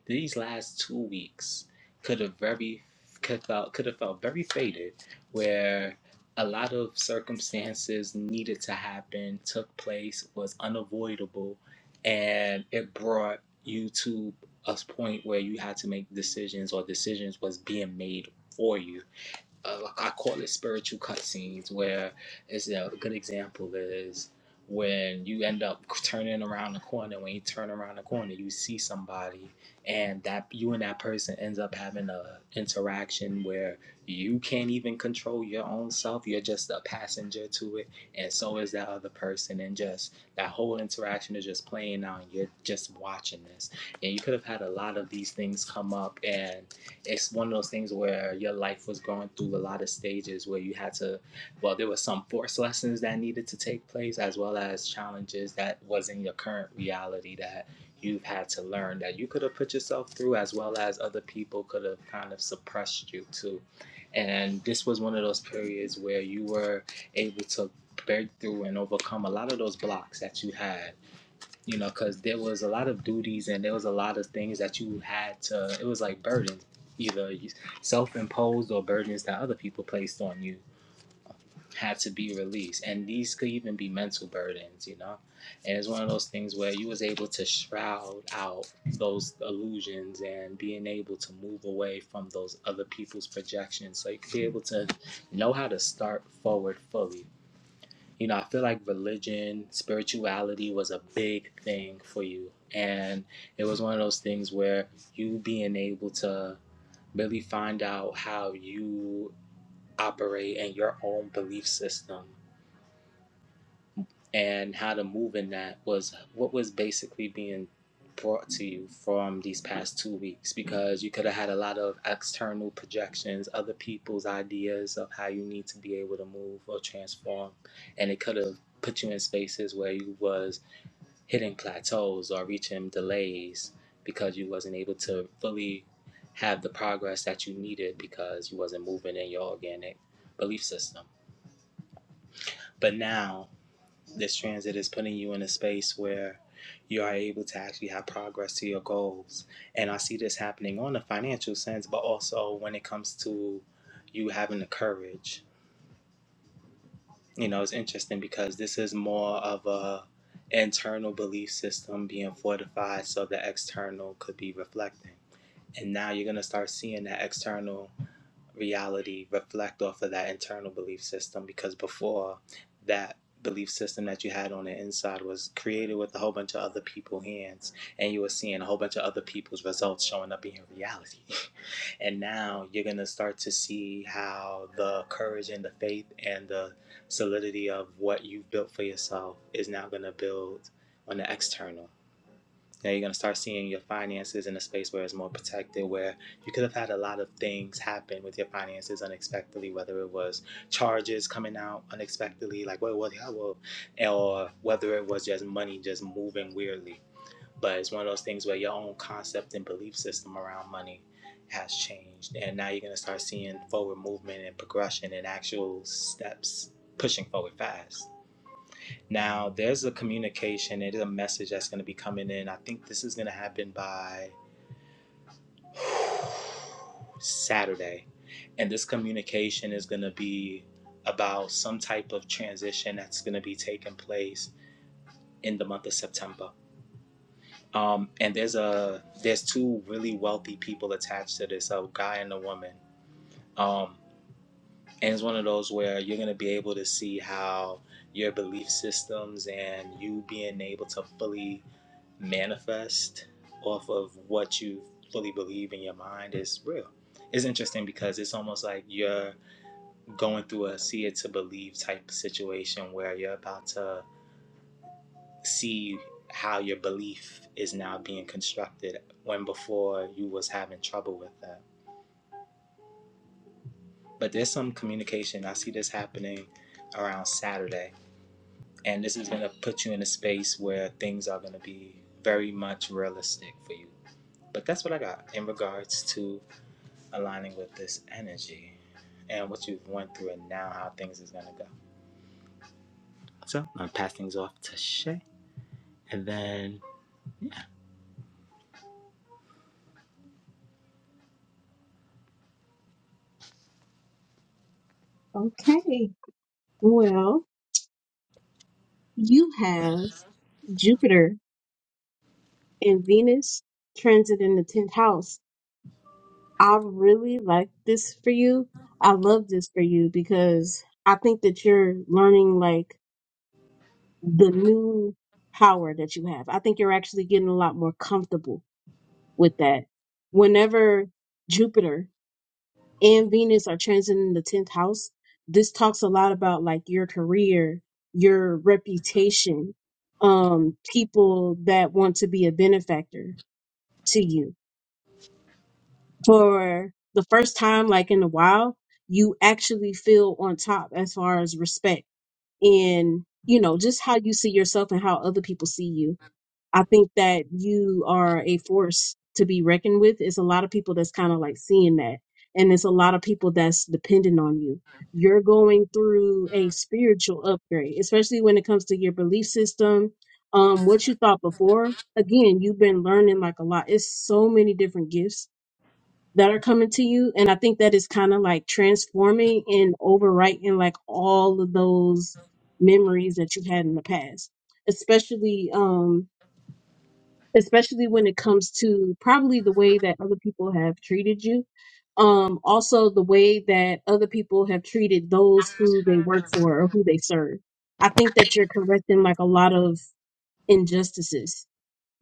S1: these last two weeks could have very could felt could have felt very faded, where a lot of circumstances needed to happen, took place, was unavoidable, and it brought you to a point where you had to make decisions or decisions was being made for you uh, like, I call it spiritual cutscenes, where it's a good example is when you end up turning around the corner. When you turn around the corner, you see somebody, and that you and that person ends up having a interaction where you can't even control your own self. You're just a passenger to it, and so is that other person. And just that whole interaction is just playing out, and you're just watching this. And you could have had a lot of these things come up, and it's one of those things where your life was going through a lot of stages where you had to well there were some forced lessons that needed to take place as well as challenges that was in your current reality that you've had to learn that you could have put yourself through as well as other people could have kind of suppressed you too and this was one of those periods where you were able to break through and overcome a lot of those blocks that you had you know, because there was a lot of duties and there was a lot of things that you had to. It was like burdens, either self-imposed or burdens that other people placed on you had to be released, and these could even be mental burdens, you know. And it's one of those things where you was able to shroud out those illusions and being able to move away from those other people's projections, so you could be able to know how to start forward fully you know, I feel like religion, spirituality was a big thing for you. And it was one of those things where you being able to really find out how you operate and your own belief system and how to move in that was what was basically being brought to you from these past two weeks because you could have had a lot of external projections, other people's ideas of how you need to be able to move or transform, and it could have put you in spaces where you was hitting plateaus or reaching delays because you wasn't able to fully have the progress that you needed because you wasn't moving in your organic belief system. But now this transit is putting you in a space where you are able to actually have progress to your goals. And I see this happening on a financial sense, but also when it comes to you having the courage. You know, it's interesting because this is more of a internal belief system being fortified so the external could be reflecting. And now you're gonna start seeing that external reality reflect off of that internal belief system because before that belief system that you had on the inside was created with a whole bunch of other people's hands and you were seeing a whole bunch of other people's results showing up in your reality and now you're going to start to see how the courage and the faith and the solidity of what you've built for yourself is now going to build on the external now you're gonna start seeing your finances in a space where it's more protected, where you could have had a lot of things happen with your finances unexpectedly, whether it was charges coming out unexpectedly, like what was how or whether it was just money just moving weirdly. But it's one of those things where your own concept and belief system around money has changed, and now you're gonna start seeing forward movement and progression and actual steps pushing forward fast. Now there's a communication, it is a message that's going to be coming in. I think this is going to happen by Saturday. And this communication is going to be about some type of transition that's going to be taking place in the month of September. Um, and there's a there's two really wealthy people attached to this, a guy and a woman. Um, and it's one of those where you're going to be able to see how your belief systems and you being able to fully manifest off of what you fully believe in your mind is real. It's interesting because it's almost like you're going through a see it to believe type situation where you're about to see how your belief is now being constructed when before you was having trouble with that. But there's some communication. I see this happening around Saturday. And this is going to put you in a space where things are going to be very much realistic for you. But that's what I got in regards to aligning with this energy and what you've went through and now how things is gonna go. So I'm gonna pass things off to Shay, and then
S2: Okay. Well, You have Jupiter and Venus transit in the 10th house. I really like this for you. I love this for you because I think that you're learning like the new power that you have. I think you're actually getting a lot more comfortable with that. Whenever Jupiter and Venus are transiting the 10th house, this talks a lot about like your career, your reputation, um, people that want to be a benefactor to you. For the first time, like in a while, you actually feel on top as far as respect and, you know, just how you see yourself and how other people see you I think that you are a force to be reckoned with. It's a lot of people that's kind of like seeing that. And it's a lot of people that's dependent on you. You're going through a spiritual upgrade, especially when it comes to your belief system, um, what you thought before. Again, you've been learning like a lot. It's so many different gifts that are coming to you. And I think that is kind of like transforming and overwriting like all of those memories that you had in the past, especially, um, especially when it comes to probably the way that other people have treated you. Um, also, the way that other people have treated those who they work for or who they serve. I think that you're correcting like a lot of injustices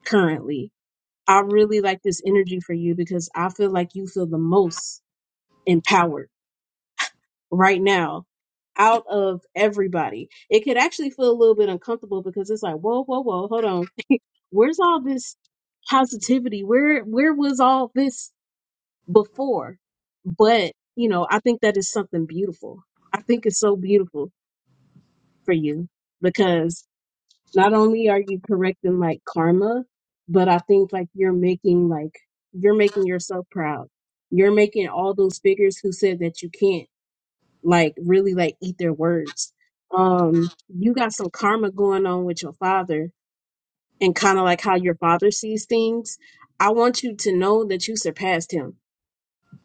S2: currently. I really like this energy for you because I feel like you feel the most empowered right now out of everybody. It could actually feel a little bit uncomfortable because it's like, whoa, whoa, whoa, hold on where's all this positivity where where was all this before but you know i think that is something beautiful i think it's so beautiful for you because not only are you correcting like karma but i think like you're making like you're making yourself proud you're making all those figures who said that you can't like really like eat their words um you got some karma going on with your father and kind of like how your father sees things, I want you to know that you surpassed him.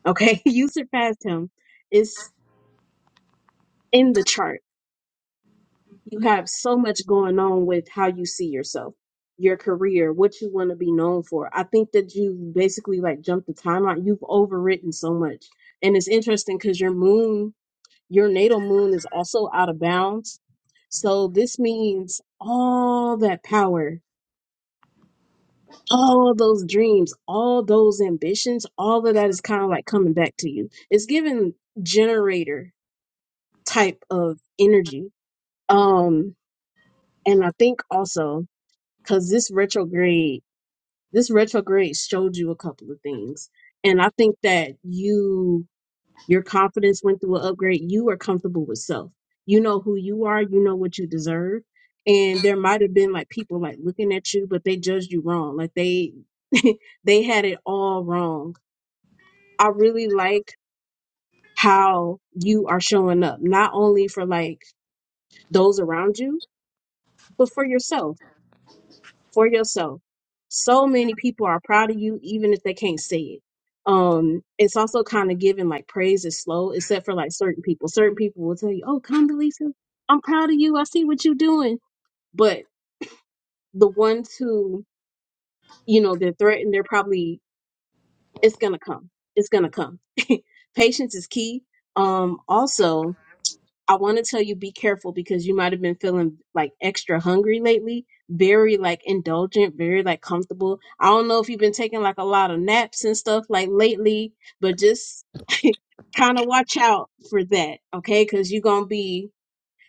S2: Okay. you surpassed him. It's in the chart. You have so much going on with how you see yourself, your career, what you want to be known for. I think that you basically like jumped the timeline. You've overwritten so much. And it's interesting because your moon, your natal moon is also out of bounds. So this means all that power all of those dreams, all those ambitions, all of that is kind of like coming back to you. It's giving generator type of energy. Um, and I think also because this retrograde, this retrograde showed you a couple of things. And I think that you your confidence went through an upgrade. You are comfortable with self. You know who you are. You know what you deserve. And there might have been like people like looking at you, but they judged you wrong. Like they they had it all wrong. I really like how you are showing up, not only for like those around you, but for yourself for yourself. So many people are proud of you, even if they can't say it. Um, it's also kind of given like praise is slow, except for like certain people. Certain people will tell you, "Oh, come, Lisa, I'm proud of you. I see what you're doing." But the ones who you know they're threatened, they're probably it's gonna come. It's gonna come. Patience is key. Um, also, I want to tell you be careful because you might have been feeling like extra hungry lately, very like indulgent, very like comfortable. I don't know if you've been taking like a lot of naps and stuff like lately, but just kind of watch out for that, okay? Because you're going to be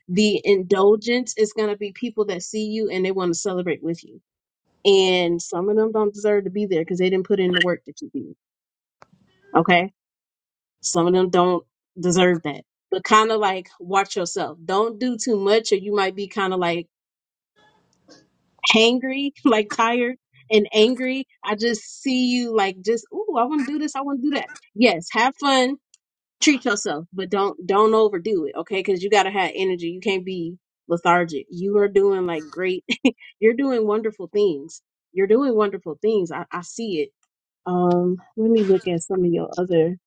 S2: the indulgence It's going to be people that see you and they want to celebrate with you. And some of them don't deserve to be there because they didn't put in the work that you did, okay? Some of them don't deserve that. But kind of like watch yourself. Don't do too much or you might be kind of like hangry, like tired and angry. I just see you like just, ooh, I want to do this, I want to do that. Yes, have fun, treat yourself, but don't don't overdo it, okay? Cuz you got to have energy. You can't be lethargic. You are doing like great. You're doing wonderful things. You're doing wonderful things. I, I see it. Um, let me look at some of your other.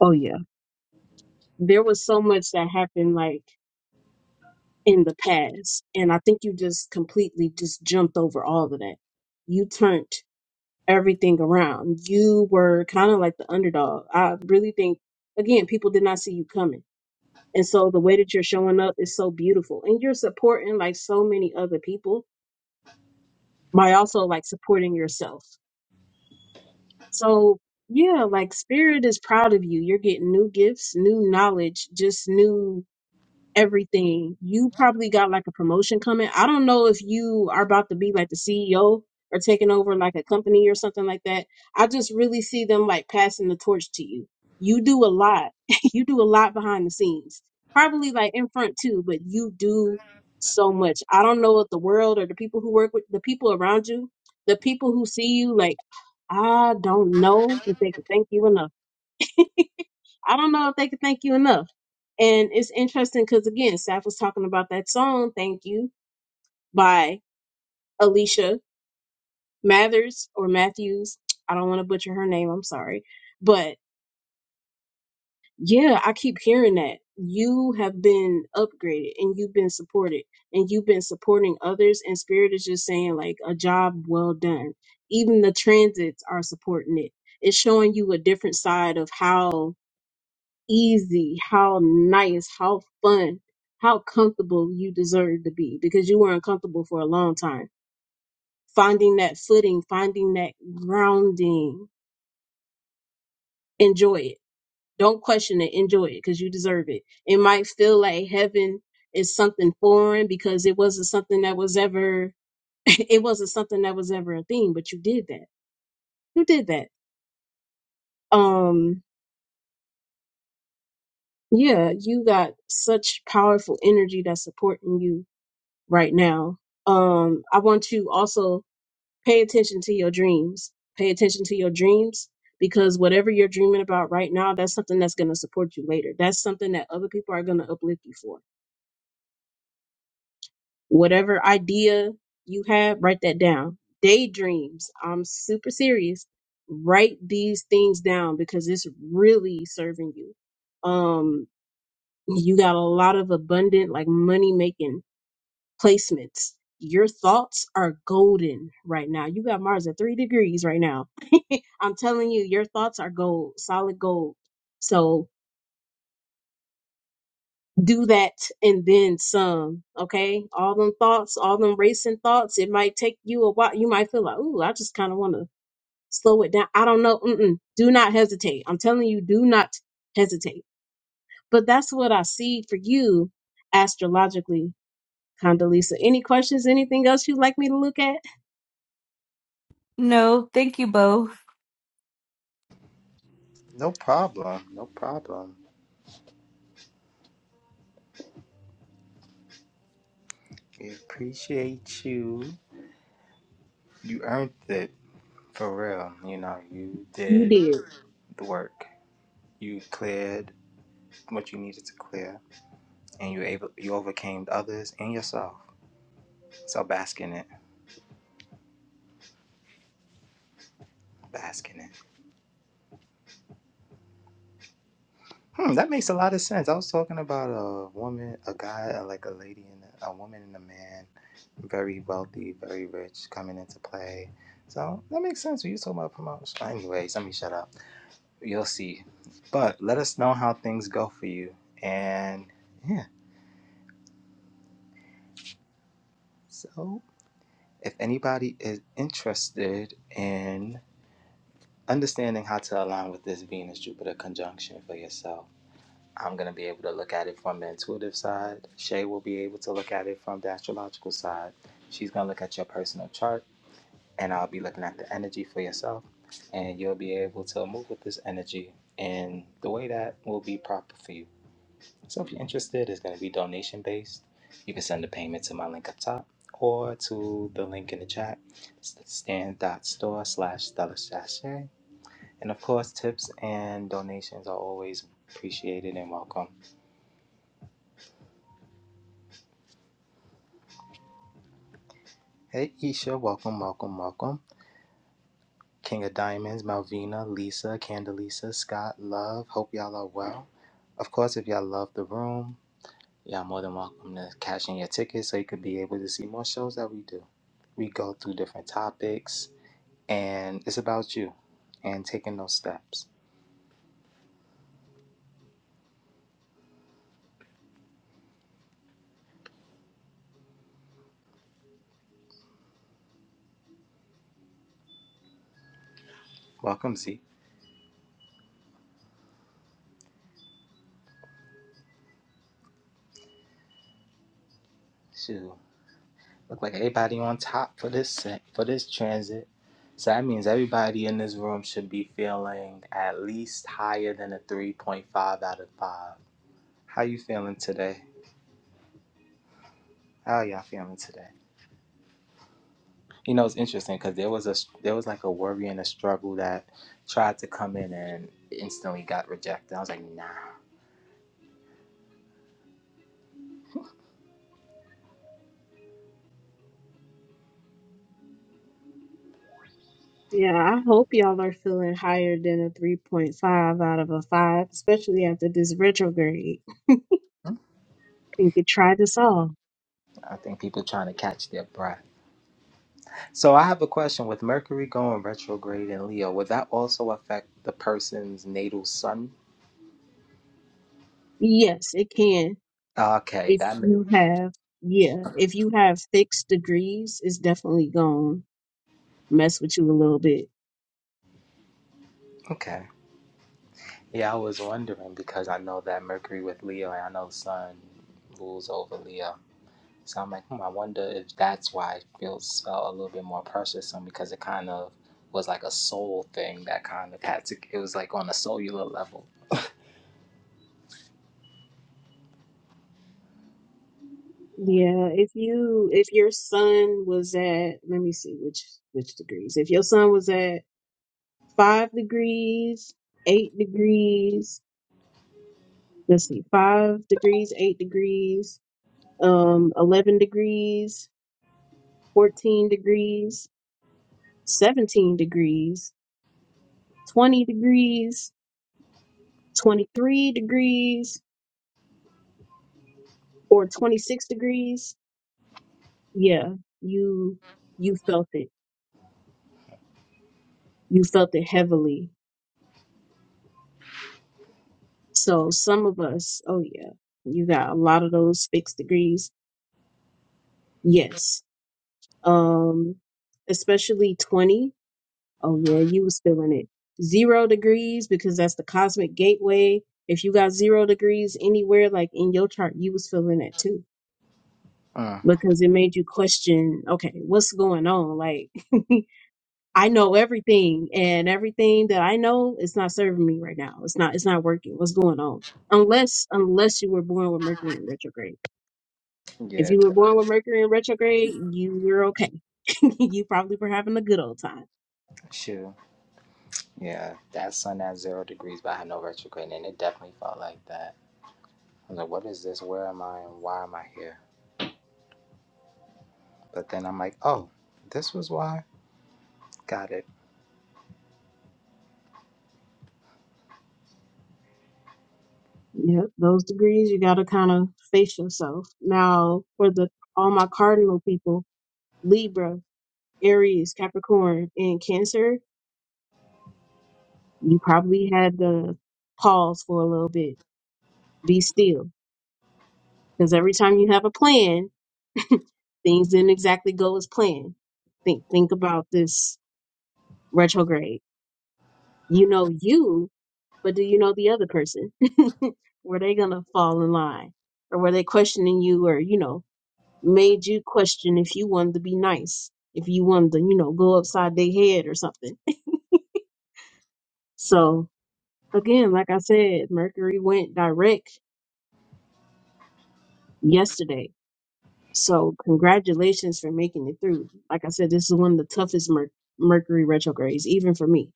S2: Oh yeah. there was so much that happened like in the past and i think you just completely just jumped over all of that you turned everything around you were kind of like the underdog i really think again people did not see you coming and so the way that you're showing up is so beautiful and you're supporting like so many other people by also like supporting yourself so yeah like spirit is proud of you you're getting new gifts new knowledge just new everything. You probably got like a promotion coming. I don't know if you are about to be like the CEO or taking over like a company or something like that. I just really see them like passing the torch to you. You do a lot. you do a lot behind the scenes. Probably like in front too, but you do so much. I don't know if the world or the people who work with the people around you, the people who see you like I don't know if they could thank you enough I don't know if they could thank you enough. And it's interesting because again, Saf was talking about that song "Thank You" by Alicia Mathers or Matthews. I don't want to butcher her name. I'm sorry, but yeah, I keep hearing that you have been upgraded and you've been supported and you've been supporting others. And Spirit is just saying like a job well done. Even the transits are supporting it. It's showing you a different side of how easy, how nice, how fun, how comfortable you deserve to be because you were uncomfortable for a long time. Finding that footing, finding that grounding, enjoy it. Don't question it. Enjoy it because you deserve it. It might feel like heaven is something foreign because it wasn't something that was ever, it wasn't something that was ever a thing, but you did that. You did that. Um, yeah, you got such powerful energy that's supporting you right now. Um, I want you also pay attention to your dreams. Pay attention to your dreams because whatever you're dreaming about right now, that's something that's going to support you later. That's something that other people are going to uplift you for. Whatever idea you have, write that down. Daydreams. I'm super serious. Write these things down because it's really serving you. Um, you got a lot of abundant, like money making placements. Your thoughts are golden right now. You got Mars at three degrees right now. I'm telling you, your thoughts are gold, solid gold. So do that and then some, okay? All them thoughts, all them racing thoughts, it might take you a while. You might feel like, ooh, I just kind of want to slow it down. I don't know. Mm-mm. Do not hesitate. I'm telling you, do not hesitate. But that's what I see for you astrologically, Condoleezza. Any questions, anything else you'd like me to look at?
S3: No, thank you, Bo.
S1: No problem. No problem. We appreciate you. You earned it for real. You know, you
S2: You
S1: did
S2: did.
S1: the work. You cleared what you needed to clear, and you able you overcame others and yourself. So bask in it. Bask in it. Hmm, that makes a lot of sense. I was talking about a woman, a guy, uh, like a lady and a, a woman and a man, very wealthy, very rich, coming into play. So that makes sense. When you talking about promotion, anyways, let me shut up. You'll see. But let us know how things go for you. And yeah, so if anybody is interested in understanding how to align with this Venus Jupiter conjunction for yourself I'm going to be able to look at it from the intuitive side. Shay will be able to look at it from the astrological side. She's going to look at your personal chart, and I'll be looking at the energy for yourself. And you'll be able to move with this energy in the way that will be proper for you. So, if you're interested, it's going to be donation based. You can send a payment to my link up top or to the link in the chat, stand.store slash Stella Sashay. And of course, tips and donations are always appreciated and welcome. Hey, Isha, welcome, welcome, welcome. King of Diamonds, Malvina, Lisa, Candelisa, Scott, Love. Hope y'all are well. Of course, if y'all love the room, y'all more than welcome to cash in your tickets so you could be able to see more shows that we do. We go through different topics, and it's about you and taking those steps. Welcome, Z. Shoot. Look like everybody on top for this set for this transit. So that means everybody in this room should be feeling at least higher than a 3.5 out of 5. How you feeling today? How y'all feeling today? You know, it's interesting because there was a there was like a worry and a struggle that tried to come in and instantly got rejected. I was like, nah.
S2: Yeah, I hope y'all are feeling higher than a 3.5 out of a 5, especially after this retrograde. Think It could try this off.
S1: I think people trying to catch their breath. So I have a question: With Mercury going retrograde in Leo, would that also affect the person's natal sun?
S2: Yes, it can.
S1: Okay,
S2: If
S1: that ma-
S2: you have, yeah, if you have fixed degrees, it's definitely gonna mess with you a little bit.
S1: okay. Yeah, I was wondering because I know that Mercury with Leo and I know the Sun rules over Leo. So I'm like, hmm, I wonder if that's why it feels felt a little bit more purchasing because it kind of was like a soul thing that kind of had to. It was like on a cellular level.
S2: Yeah, if you if your sun was at, let me see which which degrees. If your sun was at 5 degrees, 8 degrees, let's see, 5 degrees, 8 degrees, um, 11 degrees, 14 degrees, 17 degrees, 20 degrees, 23 degrees, or 26 degrees. Yeah, you, you felt it. You felt it heavily. So some of us, oh yeah, you got a lot of those fixed degrees. Yes. Um, especially 20. Oh yeah, you was feeling it. Zero degrees because that's the cosmic gateway. If you got zero degrees anywhere, like in your chart, you was feeling it too
S1: Mm.
S2: because it made you question, okay, what's going on? Like I know everything and everything that I know is not serving me right now. It's not it's not working. What's going on? Unless unless you were born with Mercury in retrograde. If
S1: Yeah,
S2: you
S1: d-
S2: were born with Mercury in retrograde, you were okay. you probably were having a good old time
S1: sure. Yeah, that Sun at zero degrees, but I had no retrograde, and it definitely felt like that. I was like, what is this? Where am I? And why am I here? But then I'm like, oh, this was why. Got it.
S2: Yep, those degrees you gotta kind of face yourself. Now for the all my cardinal people, Libra, Aries, Capricorn, and Cancer, you probably had to pause for a little bit, be still, because every time you have a plan, things didn't exactly go as planned. Think think about this retrograde. You know you, but do you know the other person? were they gonna fall in line, or were they questioning you, or you know? made you question if you wanted to be nice, if you wanted to, you know, go upside their head or something. So again, like I said, Mercury went direct yesterday. So congratulations for making it through. Like I said, this is one of the toughest Mer- Mercury retrogrades, even for me.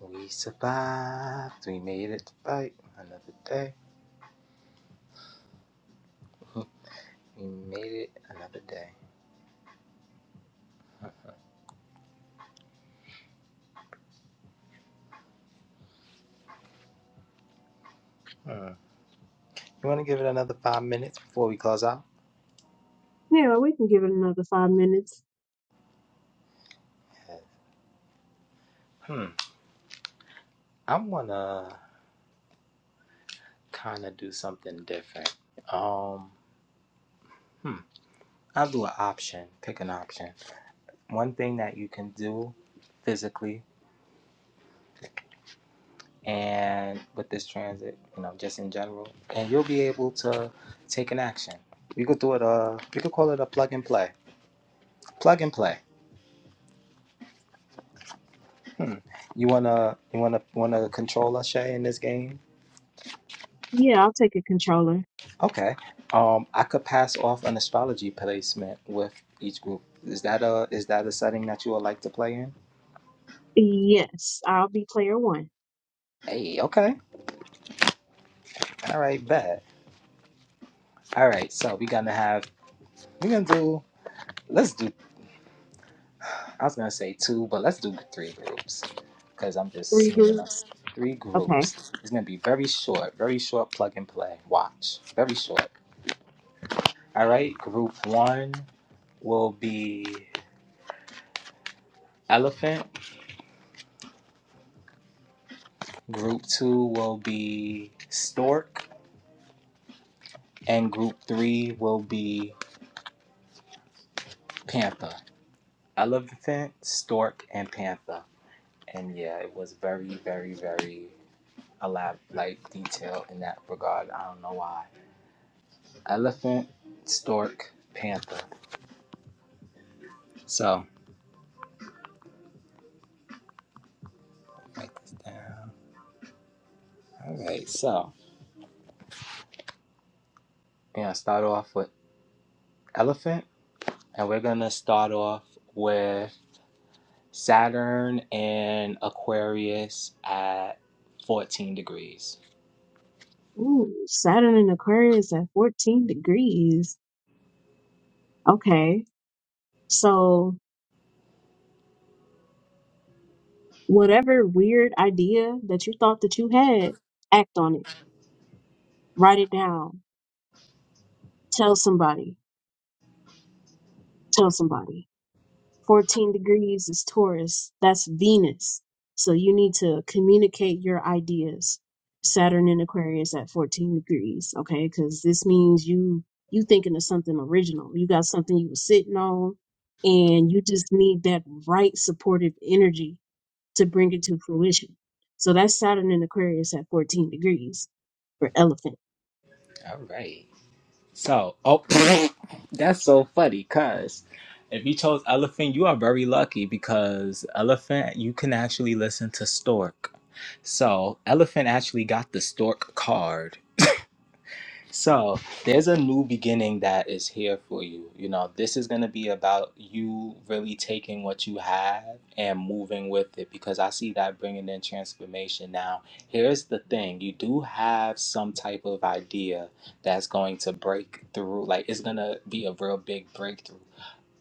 S1: We survived. We made it to fight another day. We made it another day. You want to give it another five minutes before we close out?
S2: Yeah, we can give it another five minutes.
S1: Yeah. Hmm. I want to kind of do something different. Um, hmm. I'll do an option. Pick an option. One thing that you can do physically and with this transit, you know, just in general, and you'll be able to take an action. We could do it. Uh, we could call it a plug and play. Plug and play. Hmm. You wanna you wanna wanna control us, Shay, in this game?
S2: Yeah, I'll take a controller.
S1: Okay. Um, I could pass off an astrology placement with each group. Is that a is that a setting that you would like to play in?
S2: Yes, I'll be player one.
S1: Hey, okay. All right, bet. All right, so we're gonna have we're gonna do let's do I was gonna say two, but let's do three groups because I'm just
S2: Three
S1: seeing enough.
S2: groups.
S1: Three
S2: Okay.
S1: groups. It's gonna be very short, very short plug and play. Watch, very short. All right, group one will be. elephant. Group two will be stork, and group three will be panther. Elephant, stork, and panther. And yeah, it was very, very, very elaborate, like detail in that regard. I don't know why. Elephant, stork, panther. So write this down. All right. So we're gonna start off with elephant, and we're gonna start off with Saturn and Aquarius at 14 degrees.
S2: Ooh, Saturn in Aquarius at 14 degrees. Okay. So whatever weird idea that you thought that you had, act on it. Write it down. Tell somebody. Tell somebody. 14 degrees is Taurus. That's Venus. So you need to communicate your ideas. Saturn in Aquarius at 14 degrees, okay? Cuz this means you you thinking of something original. You got something you were sitting on and you just need that right supportive energy to bring it to fruition. So that's Saturn in Aquarius at 14 degrees for elephant.
S1: All right. So, oh, that's so funny because if you chose elephant, you are very lucky because elephant, you can actually listen to stork. So, elephant actually got the stork card. So there's a new beginning that is here for you. You know, this is going to be about you really taking what you have and moving with it because I see that bringing in transformation. Now, here's the thing you do have some type of idea that's going to break through, like, it's going to be a real big breakthrough.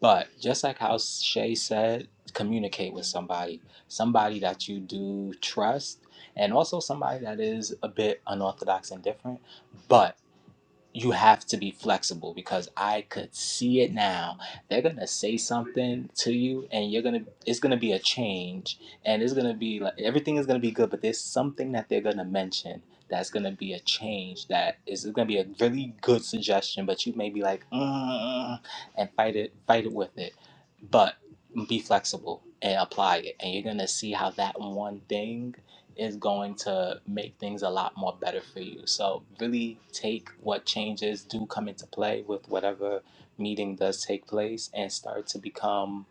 S1: But just like how Shay said, communicate with somebody, somebody that you do trust, and also somebody that is a bit unorthodox and different. But you have to be flexible because I could see it now. They're gonna say something to you, and you're gonna it's gonna be a change, and it's gonna be like everything is gonna be good, but there's something that they're gonna mention that's gonna be a change that is it's gonna be a really good suggestion, but you may be like mm, and fight it fight it with it, but be flexible and apply it, and you're gonna see how that one thing is going to make things a lot more better for you. So really take what changes do come into play with whatever meeting does take place and start to become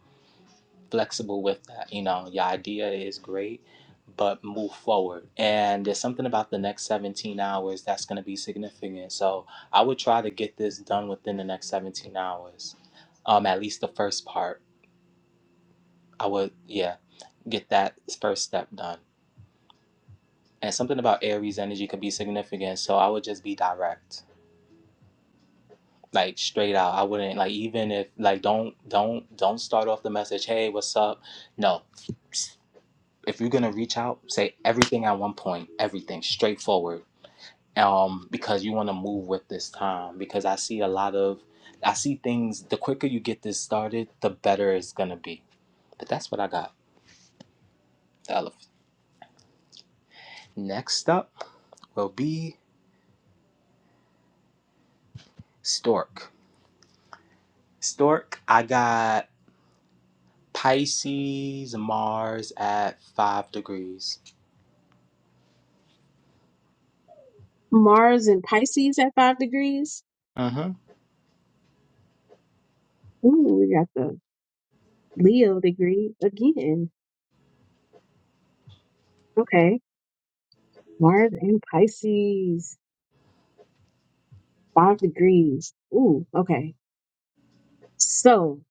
S1: flexible with that. You know, your idea is great, but move forward. And there's something about the next 17 hours that's going to be significant. So I would try to get this done within the next 17 hours. Um at least the first part. I would yeah, get that first step done. and something about Aries energy could be significant. So I would just be direct, like straight out. I wouldn't like even if like don't don't don't start off the message. Hey, what's up? No, if you're gonna reach out, say everything at one point, everything straightforward. Um, because you want to move with this time. Because I see a lot of, I see things. The quicker you get this started, the better it's gonna be. But that's what I got. The Elephant. Next up will be Stork. Stork, I got Pisces, Mars at five degrees.
S2: Mars in Pisces at 5 degrees.
S1: Mm-hmm.
S2: Ooh, we got the Leo degree again. Okay. Mars in Pisces, 5 degrees. Ooh, okay. So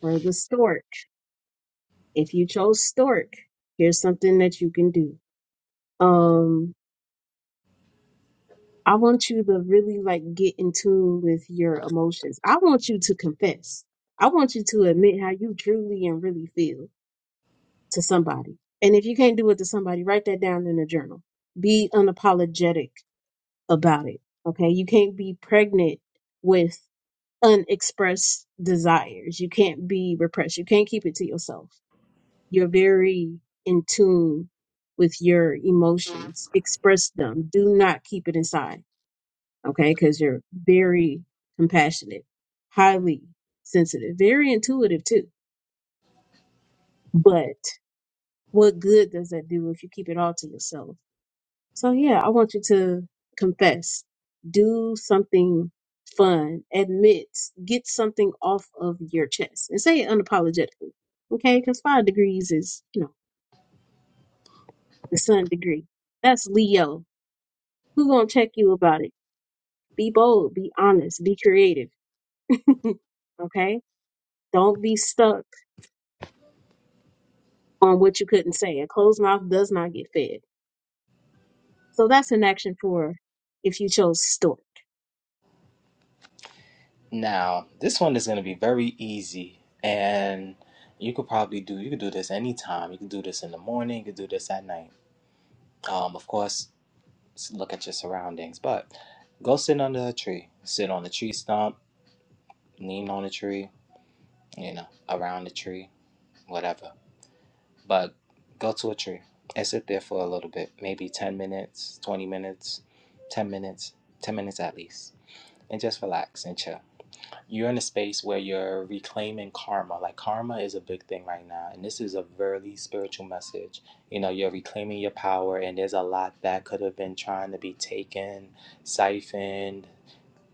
S2: for the stork, if you chose stork, here's something that you can do. Um. I want you to really like get in tune with your emotions. I want you to confess. I want you to admit how you truly and really feel to somebody. And if you can't do it to somebody, write that down in a journal. Be unapologetic about it. Okay. You can't be pregnant with unexpressed desires. You can't be repressed. You can't keep it to yourself. You're very in tune with your emotions. Express them. Do not keep it inside okay, because you're very compassionate, highly sensitive, very intuitive too. But what good does that do if you keep it all to yourself? So, yeah, I want you to confess, do something fun, admit, get something off of your chest and say it unapologetically, okay? Because five degrees is, you know, the sun degree. That's Leo. Who gonna check you about it? Be bold, be honest, be creative, okay? Don't be stuck on what you couldn't say. A closed mouth does not get fed. So that's an action for if you chose stork.
S1: Now, this one is going to be very easy, and you could probably do you could do this anytime. You could do this in the morning. You could do this at night. Um, of course, look at your surroundings, but go sit under a tree. Sit on a tree stump, lean on a tree, you know, around the tree, whatever. But go to a tree and sit there for a little bit, maybe ten minutes, twenty minutes, ten minutes, ten minutes at least and just relax and chill. You're in a space where you're reclaiming karma. Like karma is a big thing right now, and this is a very spiritual message. You know, you're reclaiming your power, and there's a lot that could have been trying to be taken, siphoned,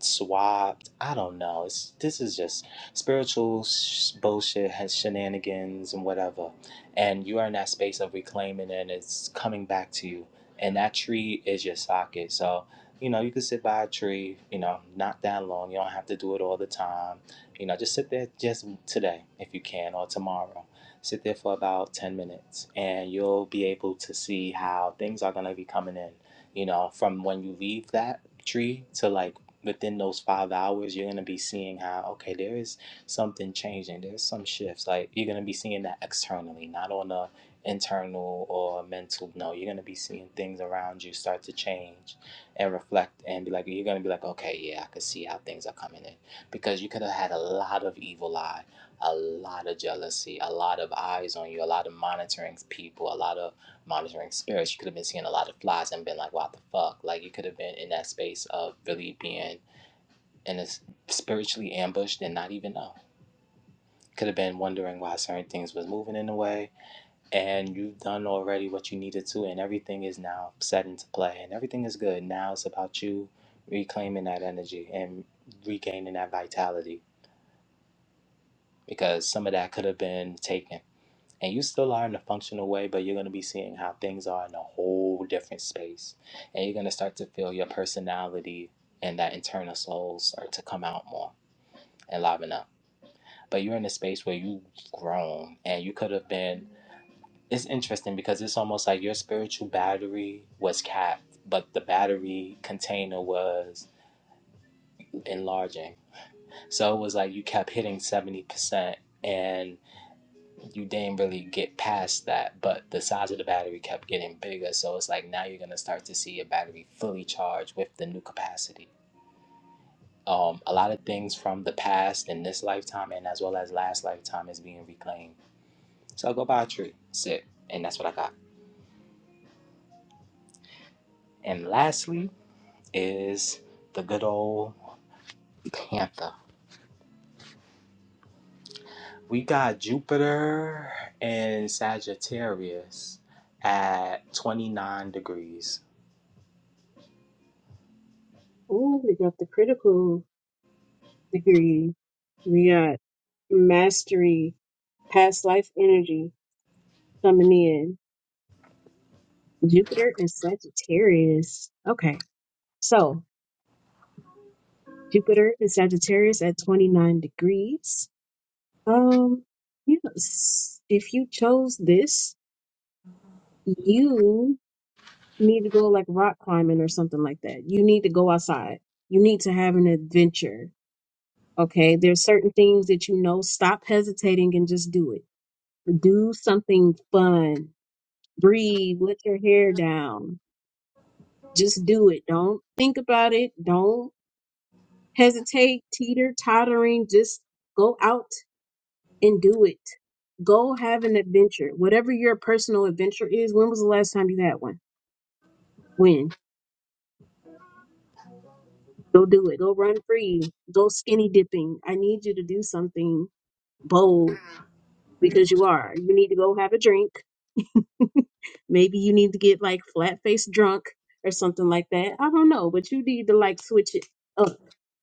S1: swapped. I don't know. It's this is just spiritual sh- bullshit, has shenanigans and whatever. And you are in that space of reclaiming, and it's coming back to you. And that tree is your socket. So you know you can sit by a tree. You know, not that long. You don't have to do it all the time. You know, just sit there just today if you can, or tomorrow. Sit there for about ten minutes, and you'll be able to see how things are gonna be coming in. You know, from when you leave that tree to like within those five hours, you're gonna be seeing how okay, there is something changing. There's some shifts. Like you're gonna be seeing that externally, not on a internal or mental. No, you're gonna be seeing things around you start to change and reflect and be like, you're gonna be like, okay, yeah, I can see how things are coming in because you could have had a lot of evil eye, a lot of jealousy, a lot of eyes on you, a lot of monitoring people, a lot of monitoring spirits, you could have been seeing a lot of flies and been like, what the fuck? Like, you could have been in that space of really being in a spiritually ambushed and not even know. Could have been wondering why certain things was moving in a way, and you've done already what you needed to, and everything is now set into play, and everything is good. Now it's about you reclaiming that energy and regaining that vitality because some of that could have been taken and you still are in a functional way, but you're going to be seeing how things are in a whole different space. And you're going to start to feel your personality and that internal soul start to come out more and liven up. But you're in a space where you've grown and you could have been. It's interesting because it's almost like your spiritual battery was capped, but the battery container was enlarging. So it was like you kept hitting 70%. And you didn't really get past that, but the size of the battery kept getting bigger. So it's like now you're gonna start to see a battery fully charged with the new capacity. Um, a lot of things from the past in this lifetime and as well as last lifetime is being reclaimed. So I'll go buy a tree, sit, and that's what I got. And lastly is the good old Panther. We got Jupiter and Sagittarius at 29 degrees.
S2: Ooh, we got the critical degree. We got mastery, past life energy coming in. Jupiter and Sagittarius. Okay. So Jupiter and Sagittarius at 29 degrees. Um, yes. If you chose this, you. need to go like rock climbing or something like that. You need to go outside. You need to have an adventure. Okay. There's certain things that you know. Stop hesitating and just do it. Do something fun. Breathe. Let your hair down. Just do it. Don't think about it. Don't hesitate, teeter, tottering. Just go out and do it. Go have an adventure. Whatever your personal adventure is, when was the last time you had one? When? Go do it. Go run free. Go skinny dipping. I need you to do something bold because you are. You need to go have a drink. Maybe you need to get like flat faced drunk or something like that. I don't know, but you need to like switch it up.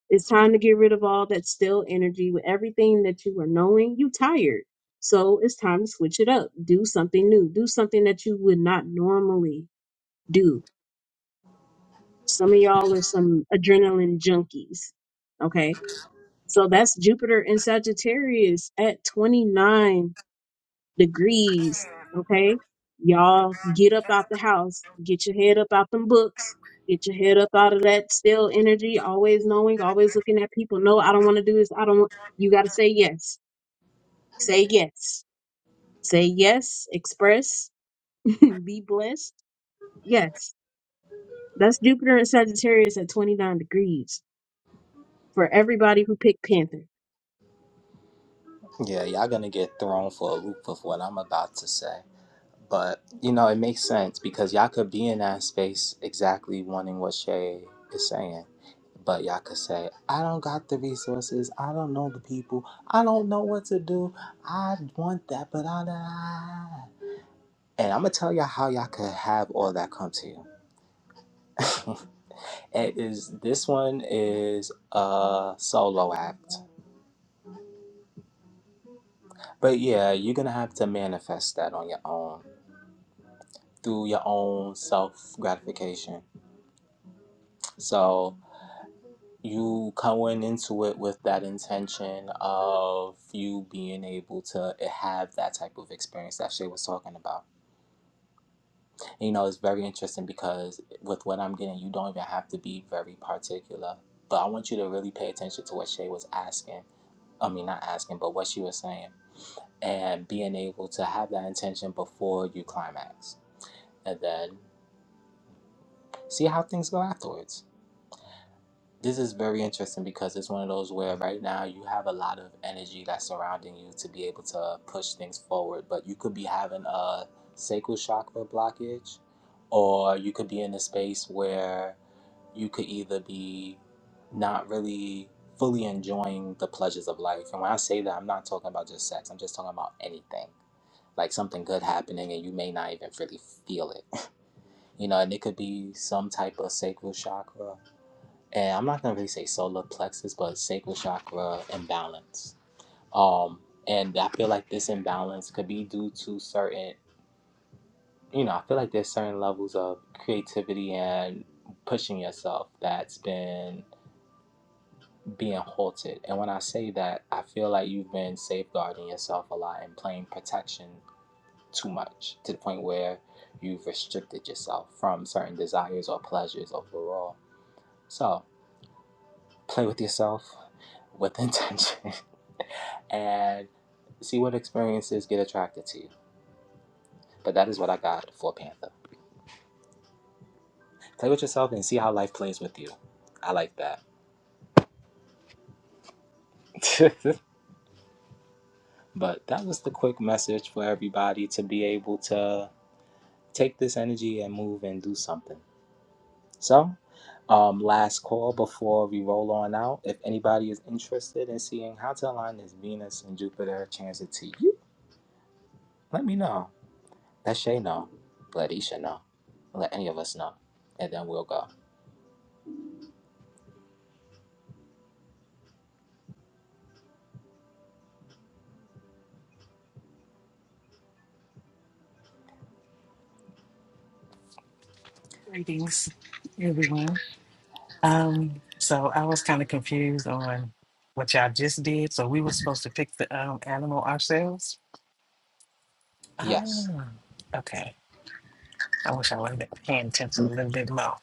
S2: It's time to get rid of all that still energy with everything that you were knowing. You tired. So it's time to switch it up. Do something new. Do something that you would not normally do. Some of y'all are some adrenaline junkies. Okay. So that's Jupiter in Sagittarius at 29 degrees. Okay. Y'all get up out the house, get your head up out them books, get your head up out of that still energy, always knowing, always looking at people. No, I don't want to do this. I don't want, you got to say yes. Say yes. Say yes. Express. Be blessed. Yes. That's Jupiter in Sagittarius at 29 degrees for everybody who picked Panther.
S1: Yeah, y'all gonna get thrown for a loop with what I'm about to say. But you know, it makes sense because y'all could be in that space exactly wanting what Shay is saying. But y'all could say, I don't got the resources, I don't know the people, I don't know what to do, I want that, but I don't." And I'm gonna tell y'all how y'all could have all that come to you. it is this one is a solo act. But yeah, you're gonna have to manifest that on your own through your own self gratification. So you coming into it with that intention of you being able to have that type of experience that Shay was talking about. And, you know, it's very interesting because with what I'm getting, you don't even have to be very particular. But I want you to really pay attention to what Shay was asking. I mean, not asking, but what she was saying. And being able to have that intention before you climax. And then see how things go afterwards This is very interesting because it's one of those where right now you have a lot of energy that's surrounding you to be able to push things forward, but you could be having a sacral chakra blockage, or you could be in a space where you could either be not really fully enjoying the pleasures of life. And when I say that, I'm not talking about just sex, I'm just talking about anything like something good happening and you may not even really feel it. You know, and it could be some type of sacral chakra and I'm not gonna really say solar plexus, but sacral chakra imbalance. Um, and I feel like this imbalance could be due to certain, you know, I feel like there's certain levels of creativity and pushing yourself that's been being halted. And when I say that, I feel like you've been safeguarding yourself a lot and playing protection too much to the point where you've restricted yourself from certain desires or pleasures overall. So play with yourself with intention and see what experiences get attracted to you. But that is what I got for Panther. Play with yourself and see how life plays with you. I like that. but that was the quick message for everybody to be able to take this energy and move and do something. So, um, last call before we roll on out. If anybody is interested in seeing how to align this Venus and Jupiter transit to you, let me know. Let Shay know. Let Isha know. Let any of us know. And then we'll go.
S4: Greetings, everyone. Um, so I was kind of confused on what y'all just did. So we were supposed to pick the um, animal ourselves.
S1: Yes.
S4: Ah, okay. I wish I would have been paying attention a little bit more.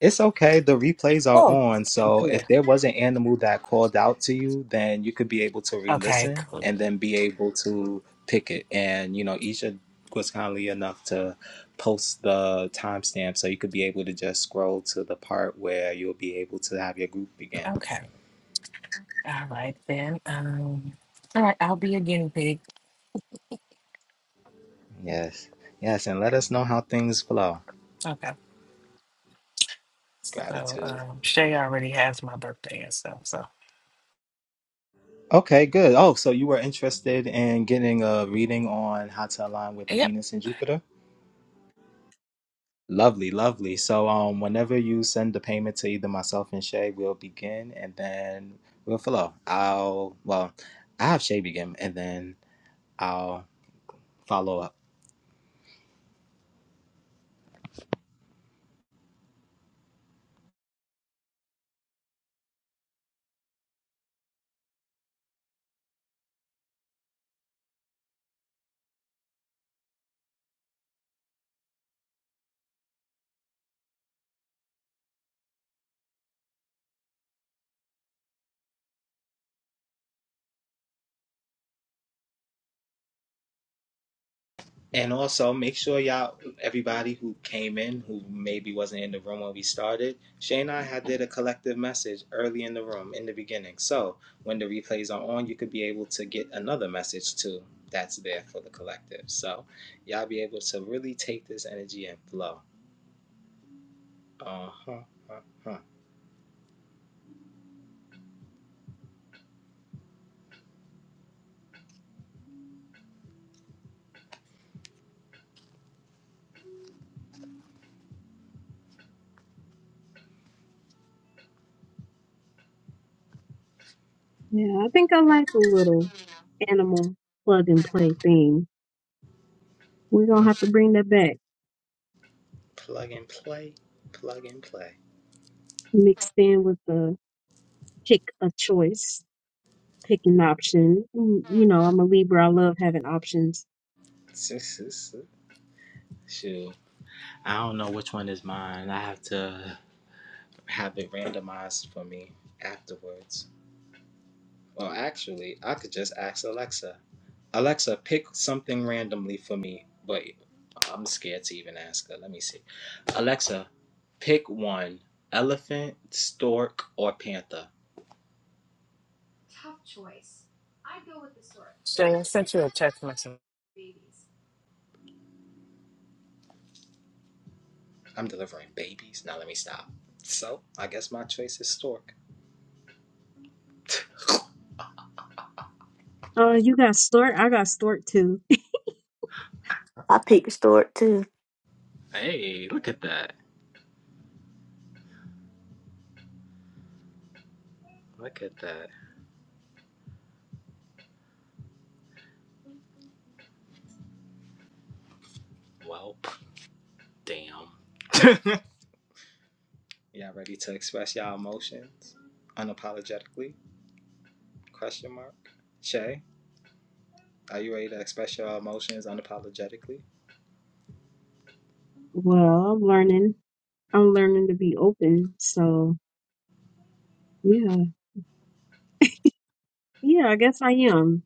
S1: It's okay. The replays are
S4: Oh,
S1: on.
S4: okay,
S1: So if
S4: cool.
S1: there was an animal that called out to you, then you could be able to re
S4: Okay,
S1: listen and
S4: cool.
S1: then be able to pick it. And, you know, Isha was kindly enough to post the timestamp so you could be able to just scroll to the part where you'll be able to have your group begin.
S4: Okay. All right then. Um, all right, I'll be a guinea pig.
S1: Yes. Yes. And let us know how things flow.
S4: Okay. So
S1: Gratitude.
S4: um, Shay already has my birthday and stuff. So
S1: Okay, good. Oh, so you were interested in getting a reading on how to align with
S4: yep.
S1: Venus and Jupiter? Lovely, lovely. So, um, whenever you send the payment to either myself and Shay, we'll begin, and then we'll follow. I'll well, I have Shay begin, and then I'll follow up. And also make sure y'all, everybody who came in, who maybe wasn't in the room when we started, Shay and I had did a collective message early in the room in the beginning. So when the replays are on, you could be able to get another message too. That's there for the collective. So y'all be able to really take this energy and flow. Uh huh. Uh
S2: Yeah, I think I like the little animal plug and play thing. We're gonna
S1: huh.
S2: have to bring that back,
S1: Plug and play. Plug and play.
S2: mixed in with the pick a choice, pick an option. Mm, You know, I'm a Libra. I love having options.
S1: Shoot. I don't know which one is mine. I have to have it randomized for me afterwards. Well, actually, I could just ask Alexa. Alexa, pick something randomly for me, but I'm scared to even ask her. Let me see. Alexa, pick one elephant, stork, or panther.
S4: Shay, I sent you a text message.
S1: I'm delivering babies. Now let me stop. So, I guess my choice is stork.
S2: Oh, you got stork. I got stork too.
S5: I pick store too.
S1: Hey, look at that. Look at that. Well, damn. Y'all ready to express y'all emotions unapologetically? Question mark. Shay? Are you ready to express your emotions unapologetically?
S2: Well, I'm learning. I'm learning to be open. So yeah, yeah. I guess I am.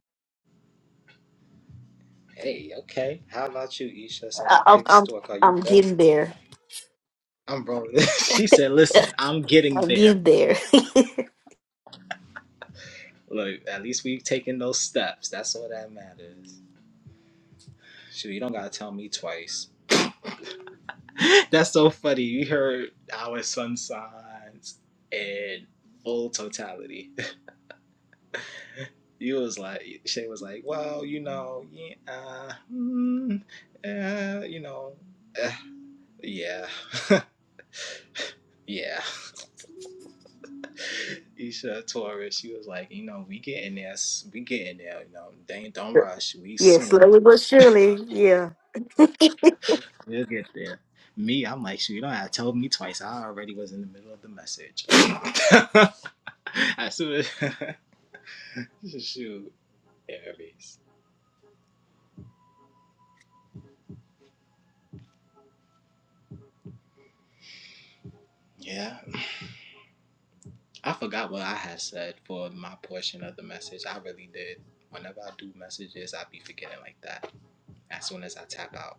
S1: Hey, okay. How about you, Isha, since
S5: I,
S1: you
S5: I'm,
S1: picked
S5: I'm
S1: Stork? Are you
S5: I'm
S1: ready?
S5: getting there.
S1: I'm rolling. she said, listen, I'm getting
S5: I'm
S1: there.
S5: getting there.
S1: Look, at least we've taken those steps. That's all that matters. Shoot, you don't gotta tell me twice. That's so funny. You heard our sun signs in full totality. You was like, Shay was like, well, you know, yeah, uh, mm, uh, you know, uh, yeah. Yeah, Isha Torres. She was like, you know, we getting there. s- We getting there. You know, dang, don't rush. We
S5: yeah,
S1: soon.
S5: slowly but surely. Yeah.
S1: We'll get there. Me, I'm like, you don't have to tell me twice. I already was in the middle of the message. as soon as shoot, Aries. Yeah, I forgot what I had said for my portion of the message. I really did. Whenever I do messages, I be forgetting like that. As soon as I tap out.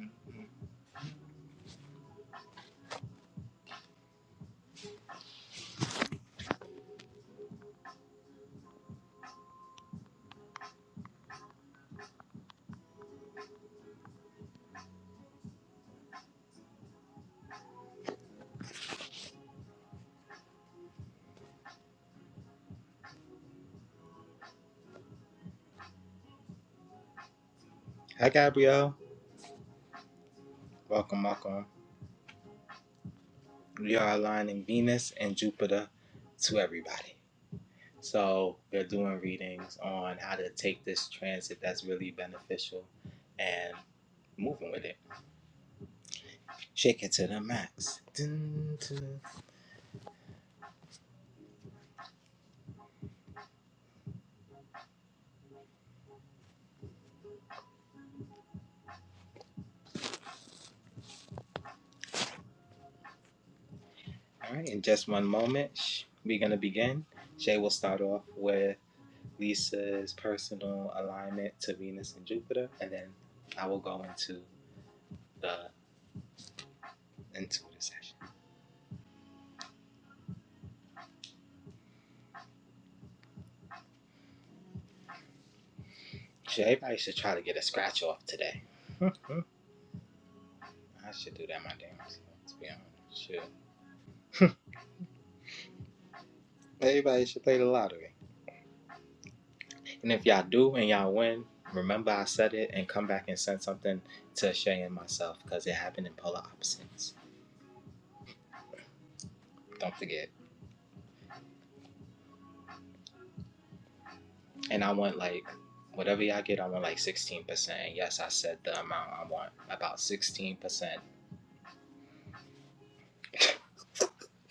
S1: Mhm. Hi, Gabrielle. Welcome, welcome. we are aligning Venus and Jupiter to everybody. So we're doing readings on how to take this transit that's really beneficial and moving with it. Shake it to the max. Dun, dun. All right, in just one moment, we're going to begin. Shay will start off with Lisa's personal alignment to Venus and Jupiter, and then I will go into the intuitive session. Shay, everybody should try to get a scratch off today. I should do that my damn self, to be honest. Shit. Everybody should play the lottery. And if y'all do and y'all win, remember I said it and come back and send something to Shay and myself because it happened in polar opposites. Don't forget. And I want like whatever y'all get, I want like 16%. And yes, I said the amount I want. About 16%.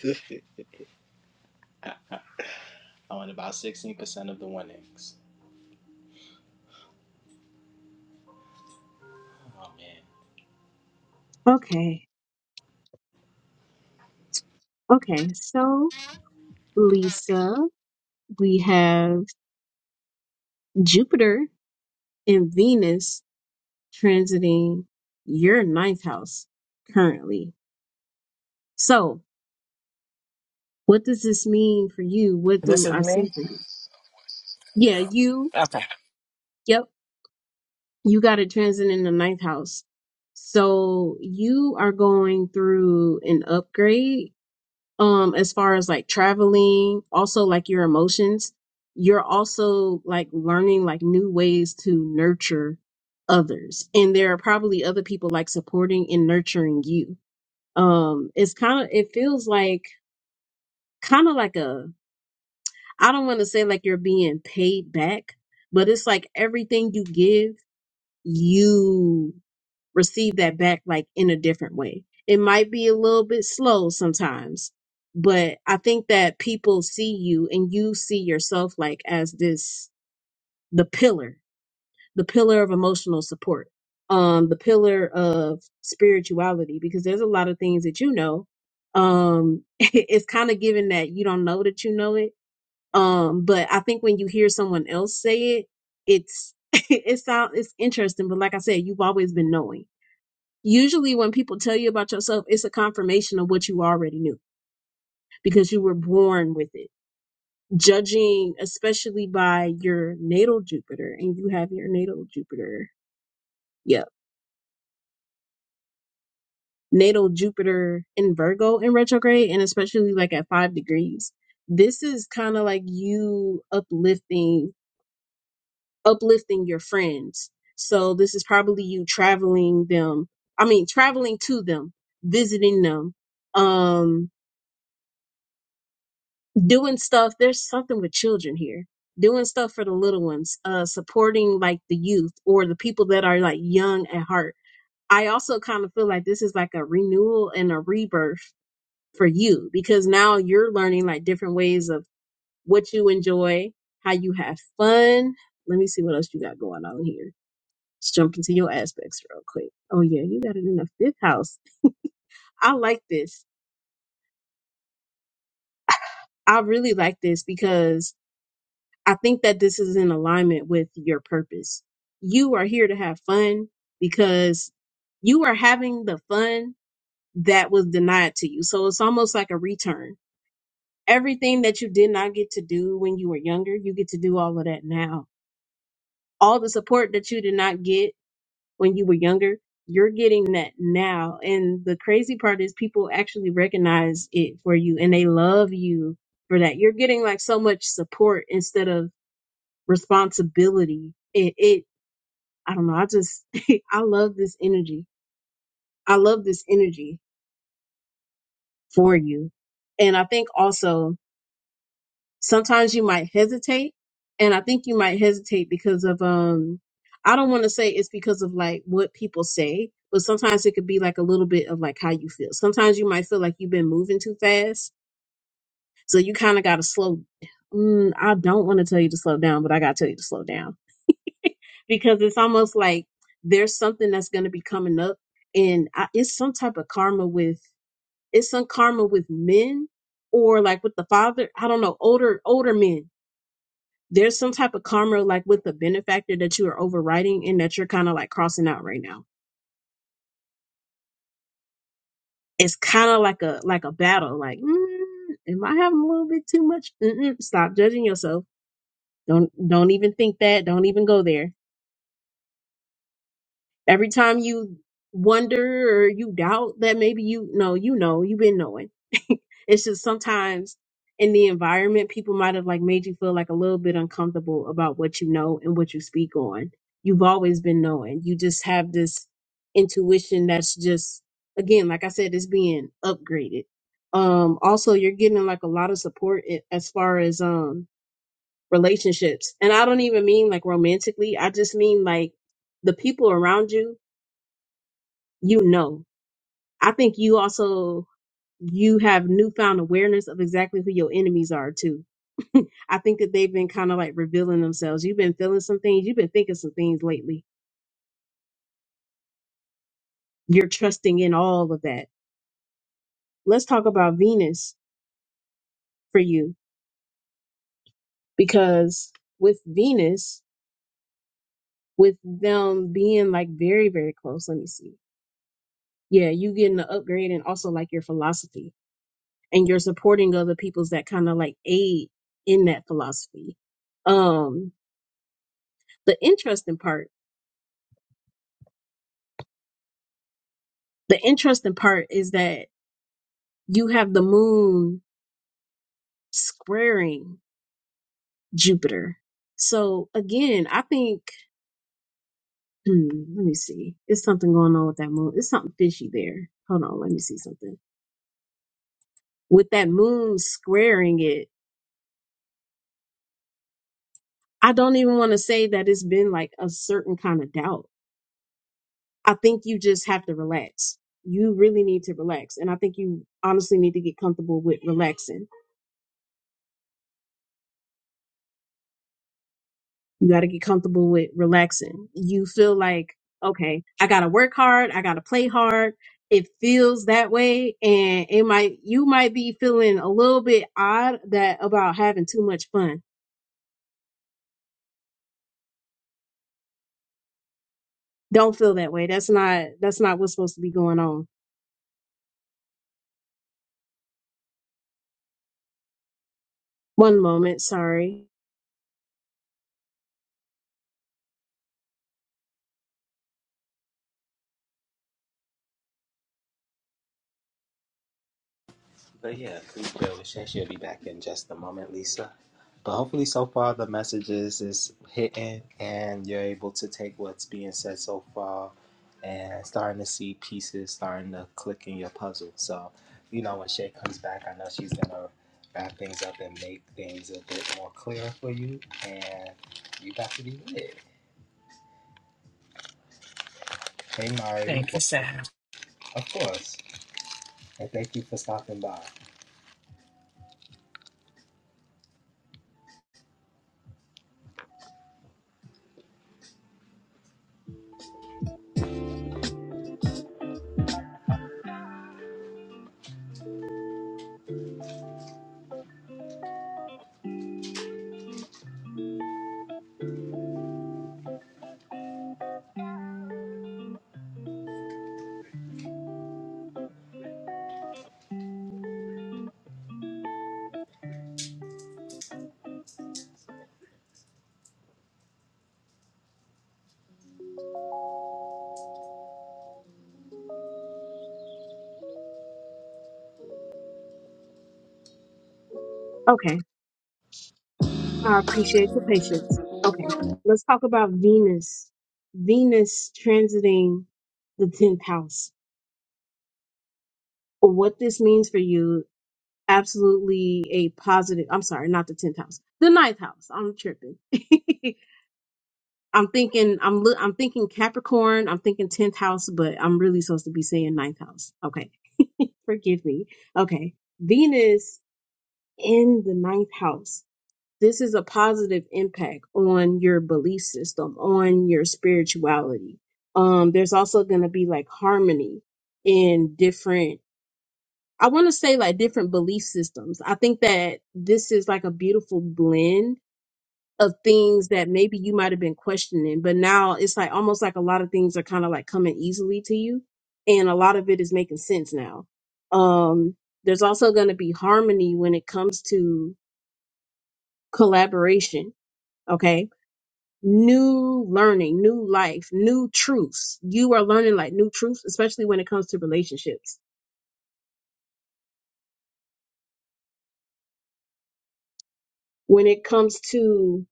S1: I want about 16% of the winnings. Oh man.
S2: Okay, okay. So Lisa, we have Jupiter and Venus transiting your ninth house currently. So, what does this mean for you? What
S4: This
S2: do
S4: is
S2: I see
S4: me.
S2: for you? Yeah, you,
S4: Okay.
S2: yep, you got a transit in the ninth house. So, you are going through an upgrade um as far as like traveling, also like your emotions. You're also like learning like new ways to nurture others. And there are probably other people like supporting and nurturing you um it's kind of it feels like kind of like a i don't want to say like you're being paid back but it's like everything you give you receive that back like in a different way it might be a little bit slow sometimes but i think that people see you and you see yourself like as this the pillar the pillar of emotional support, um, the pillar of spirituality, because there's a lot of things that you know. Um, it's kind of given that you don't know that you know it. Um, but I think when you hear someone else say it, it's it sound it's interesting. But like I said, you've always been knowing. Usually, when people tell you about yourself, it's a confirmation of what you already knew because you were born with it. Judging, especially by your natal Jupiter, and you have your natal Jupiter Yeah, natal Jupiter in Virgo in retrograde, and especially like at five degrees. This is kind of like you uplifting, uplifting your friends. So this is probably you traveling them. I mean, traveling to them, visiting them, um, doing stuff. There's something with children here. Doing stuff for the little ones, uh, supporting like the youth or the people that are like young at heart. I also kind of feel like this is like a renewal and a rebirth for you because now you're learning like different ways of what you enjoy, how you have fun. Let me see what else you got going on here. Let's jump into your aspects real quick. Oh yeah, you got it in the fifth house. I like this. I really like this because I think that this is in alignment with your purpose. You are here to have fun because you are having the fun that was denied to you. So it's almost like a return Everything that you did not get to do when you were younger, you get to do all of that now. All the support that you did not get when you were younger, you're getting that now. And the crazy part is people actually recognize it for you and they love you for that. You're getting like so much support instead of responsibility. It, it, I don't know. I just, I love this energy. I love this energy for you. And I think also sometimes you might hesitate and i think you might hesitate because of um i don't want to say it's because of like what people say but sometimes it could be like a little bit of like how you feel sometimes you might feel like you've been moving too fast so you kind of got to slow mm, i don't want to tell you to slow down but i got to tell you to slow down because it's almost like there's something that's going to be coming up and I, it's some type of karma with it's some karma with men or like with the father i don't know older older men there's some type of karma like with the benefactor that you are overriding and that you're kind of like crossing out right now. It's kind of like a like a battle. Like, mm, am I having a little bit too much? Mm-mm, stop judging yourself. Don't don't even think that. Don't even go there Every time you wonder or you doubt that maybe you know, you know, you've been knowing. It's just sometimes in the environment, people might have like made you feel like a little bit uncomfortable about what you know and what you speak on. You've always been knowing. You just have this intuition that's just, again, like I said, it's being upgraded. Um, also, you're getting like a lot of support i- as far as, um, relationships. And I don't even mean like romantically. I just mean like the people around you you know. I think you also you have newfound awareness of exactly who your enemies are too. I think that they've been kind of like revealing themselves. You've been feeling some things, you've been thinking some things lately. You're trusting in all of that. Let's talk about Venus for you because with Venus, with them being like very, very close, let me see. Yeah, you getting an upgrade and also like your philosophy and you're supporting other people's that kind of like aid in that philosophy. Um, the interesting part the interesting part is that you have the moon squaring jupiter so again i think hmm, let me see it's something going on with that moon it's something fishy there hold on let me see something with that moon squaring it i don't even want to say that it's been like a certain kind of doubt i think you just have to relax you really need to relax and i think you honestly need to get comfortable with relaxing You got to get comfortable with relaxing. You feel like, okay, I got to work hard. I got to play hard. It feels that way. And it might, you might be feeling a little bit odd that about having too much fun. Don't feel that way. That's not, that's not what's supposed to be going on. One moment. Sorry.
S1: But yeah, please bear with us. She'll be back in just a moment, Lisa. But hopefully, so far the messages is hitting, and you're able to take what's being said so far, and starting to see pieces starting to click in your puzzle. So, you know, when Shay comes back, I know she's gonna wrap things up and make things a bit more clear for you, and you got to be lit. Hey, Mari,
S4: Thank you,
S1: welcome,
S4: Sam.
S1: of course, and thank you for stopping by.
S2: Okay. I appreciate your patience. Okay. Let's talk about Venus. Venus transiting the 10th house. What this means for you absolutely a positive i'm sorry not the 10th house the ninth house i'm tripping i'm thinking i'm look i'm thinking capricorn i'm thinking 10th house but i'm really supposed to be saying ninth house okay forgive me okay venus in the ninth house this is a positive impact on your belief system on your spirituality um there's also going to be like harmony in different I want to say like different belief systems. I think that this is like a beautiful blend of things that maybe you might have been questioning, but now it's like almost like a lot of things are kind of like coming easily to you and a lot of it is making sense now. Um there's also going to be harmony when it comes to collaboration, okay? New learning, new life, new truths. You are learning like new truths, especially when it comes to relationships. When it comes to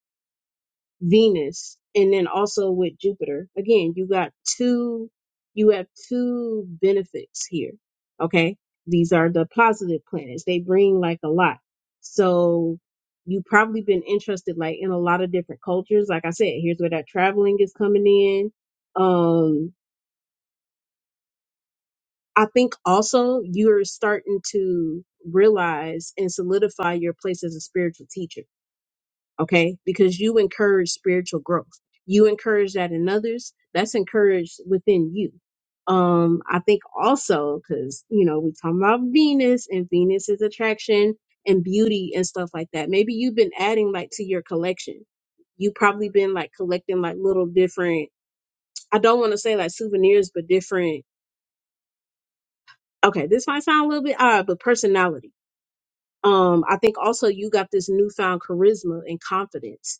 S2: Venus, and then also with Jupiter. Again, you got two, you have two benefits here. Okay. These are the positive planets. They bring like a lot. So you probably been interested like in a lot of different cultures. Like I said, here's where that traveling is coming in. Um, I think also you're starting to realize and solidify your place as a spiritual teacher okay? Because you encourage spiritual growth. You encourage that in others. That's encouraged within you. Um, I think also because you know we talking about Venus and Venus is attraction and beauty and stuff like that. Maybe you've been adding like to your collection. You probably been like collecting like little different. I don't want to say like souvenirs, but different. Okay, this might sound a little bit odd, but personality. Um, I think also you got this newfound charisma and confidence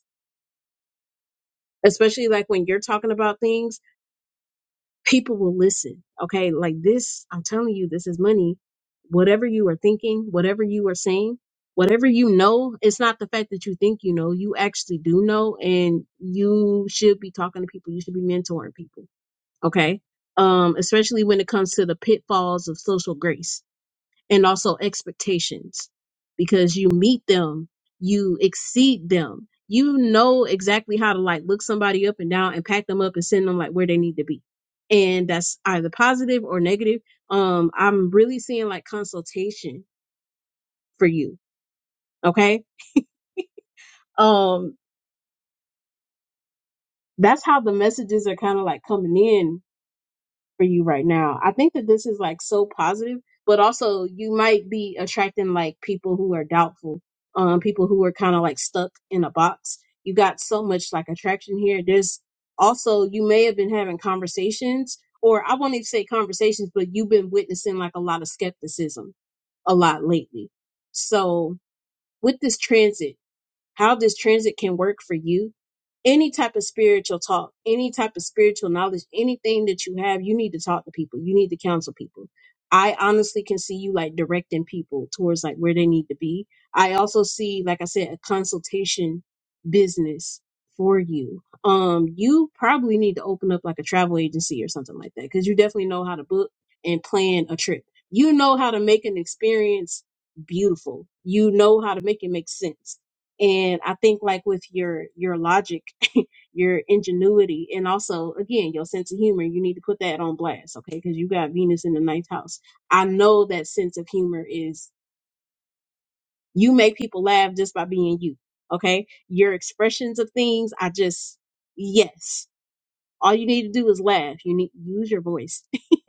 S2: especially like when you're talking about things, people will listen. Okay. Like this, I'm telling you, this is money. Whatever you are thinking, whatever you are saying, whatever you know, it's not the fact that you think you know, you actually do know, and you should be talking to people. You should be mentoring people. Okay. Um, especially when it comes to the pitfalls of social grace and also expectations because you meet them, you exceed them. You know exactly how to like look somebody up and down and pack them up and send them like where they need to be. And that's either positive or negative. Um, I'm really seeing like consultation for you. Okay. Um, that's how the messages are kind of like coming in for you right now. I think that this is like so positive, but also you might be attracting like people who are doubtful, um, people who are kind of like stuck in a box. You got so much like attraction here. There's also you may have been having conversations, or I won't even say conversations, but you've been witnessing like a lot of skepticism a lot lately. So with this transit how this transit can work for you any type of spiritual talk any type of spiritual knowledge anything that you have you need to talk to people you need to counsel people i honestly can see you like directing people towards like where they need to be i also see like i said a consultation business for you um you probably need to open up like a travel agency or something like that because you definitely know how to book and plan a trip you know how to make an experience beautiful. You know how to make it make sense and i think like with your your logic your ingenuity and also again your sense of humor you need to put that on blast okay because you got venus in the ninth house i know that sense of humor is you make people laugh just by being you okay your expressions of things i just yes all you need to do is laugh you need use your voice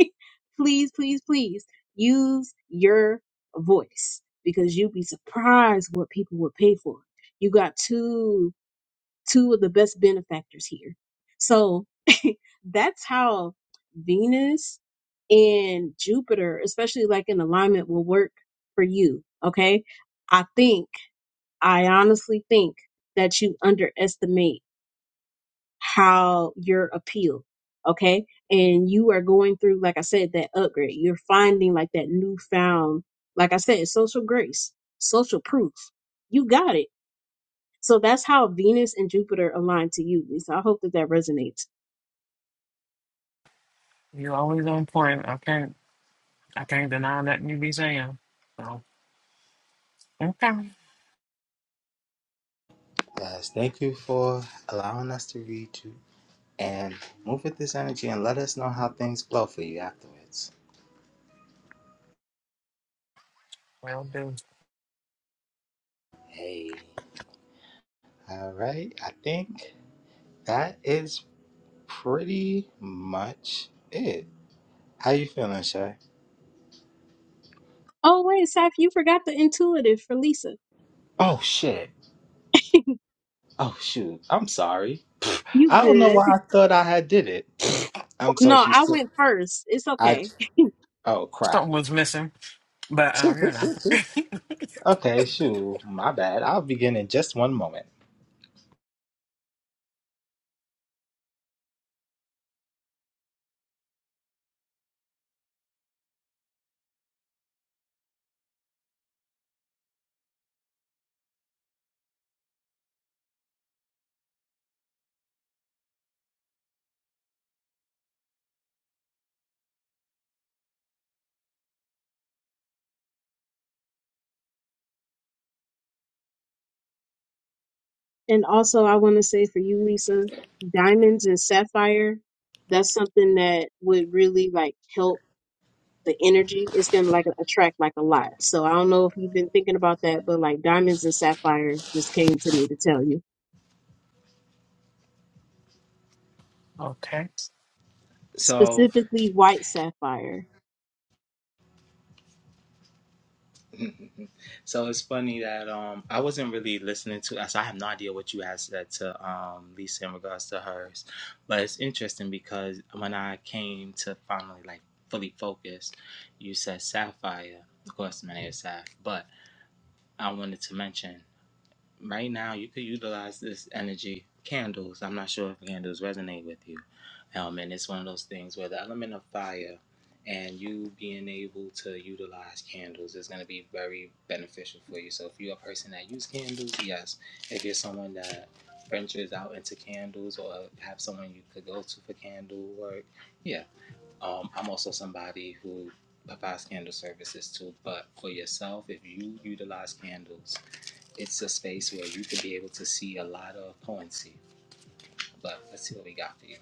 S2: please please please use your voice because you'd be surprised what people would pay for you got two two of the best benefactors here. So that's how Venus and Jupiter, especially like in alignment, will work for you. Okay. I think, I honestly think that you underestimate how your appeal. Okay. And you are going through, like I said, that upgrade. You're finding like that newfound, like I said, social grace, social proof. You got it so that's how Venus and Jupiter align to you, Lisa. I hope that that resonates.
S4: You always on point. I can't I can't deny nothing you be saying. So okay.
S1: Yes, thank you for allowing us to read you and move with this energy and let us know how things flow for you afterwards.
S4: Well do.
S1: Hey. All right. I think that is pretty much it. How you feeling, Shay?
S2: Oh, wait, Saf, you forgot the intuitive for Lisa.
S1: Oh shit. Oh shoot. I'm sorry.
S2: you
S1: I don't know
S2: good.
S1: why I thought I had did it. I'm so
S2: No, I
S1: used to
S2: went first. It's
S1: I
S2: okay.
S1: oh crap.
S4: Something was missing. But um, you know.
S1: okay, shoot. My bad. I'll begin in just one moment.
S2: And also, I want to say for you, Lisa, diamonds and sapphire, that's something that would really like help the energy. It's going to like attract like a lot. So I don't know if you've been thinking about that, but like diamonds and sapphire just came to me to tell you.
S4: Okay.
S1: So
S2: Specifically, white sapphire.
S1: So it's funny that um I wasn't really listening to us. so I have no idea what you had said to um Lisa in regards to hers. But it's interesting because when I came to finally like fully focus, you said sapphire. Of course my name is Saph, but I wanted to mention right now you could utilize this energy candles i'm not sure if candles resonate with you um and it's one of those things where the element of fire and you being able to utilize candles is going to be very beneficial for you so if you're a person that uses candles yes if you're someone that ventures out into candles or have someone you could go to for candle work yeah um i'm also somebody who provides candle services too but for yourself if you utilize candles it's a space where you can be able to see a lot of points But let's see what we got for you.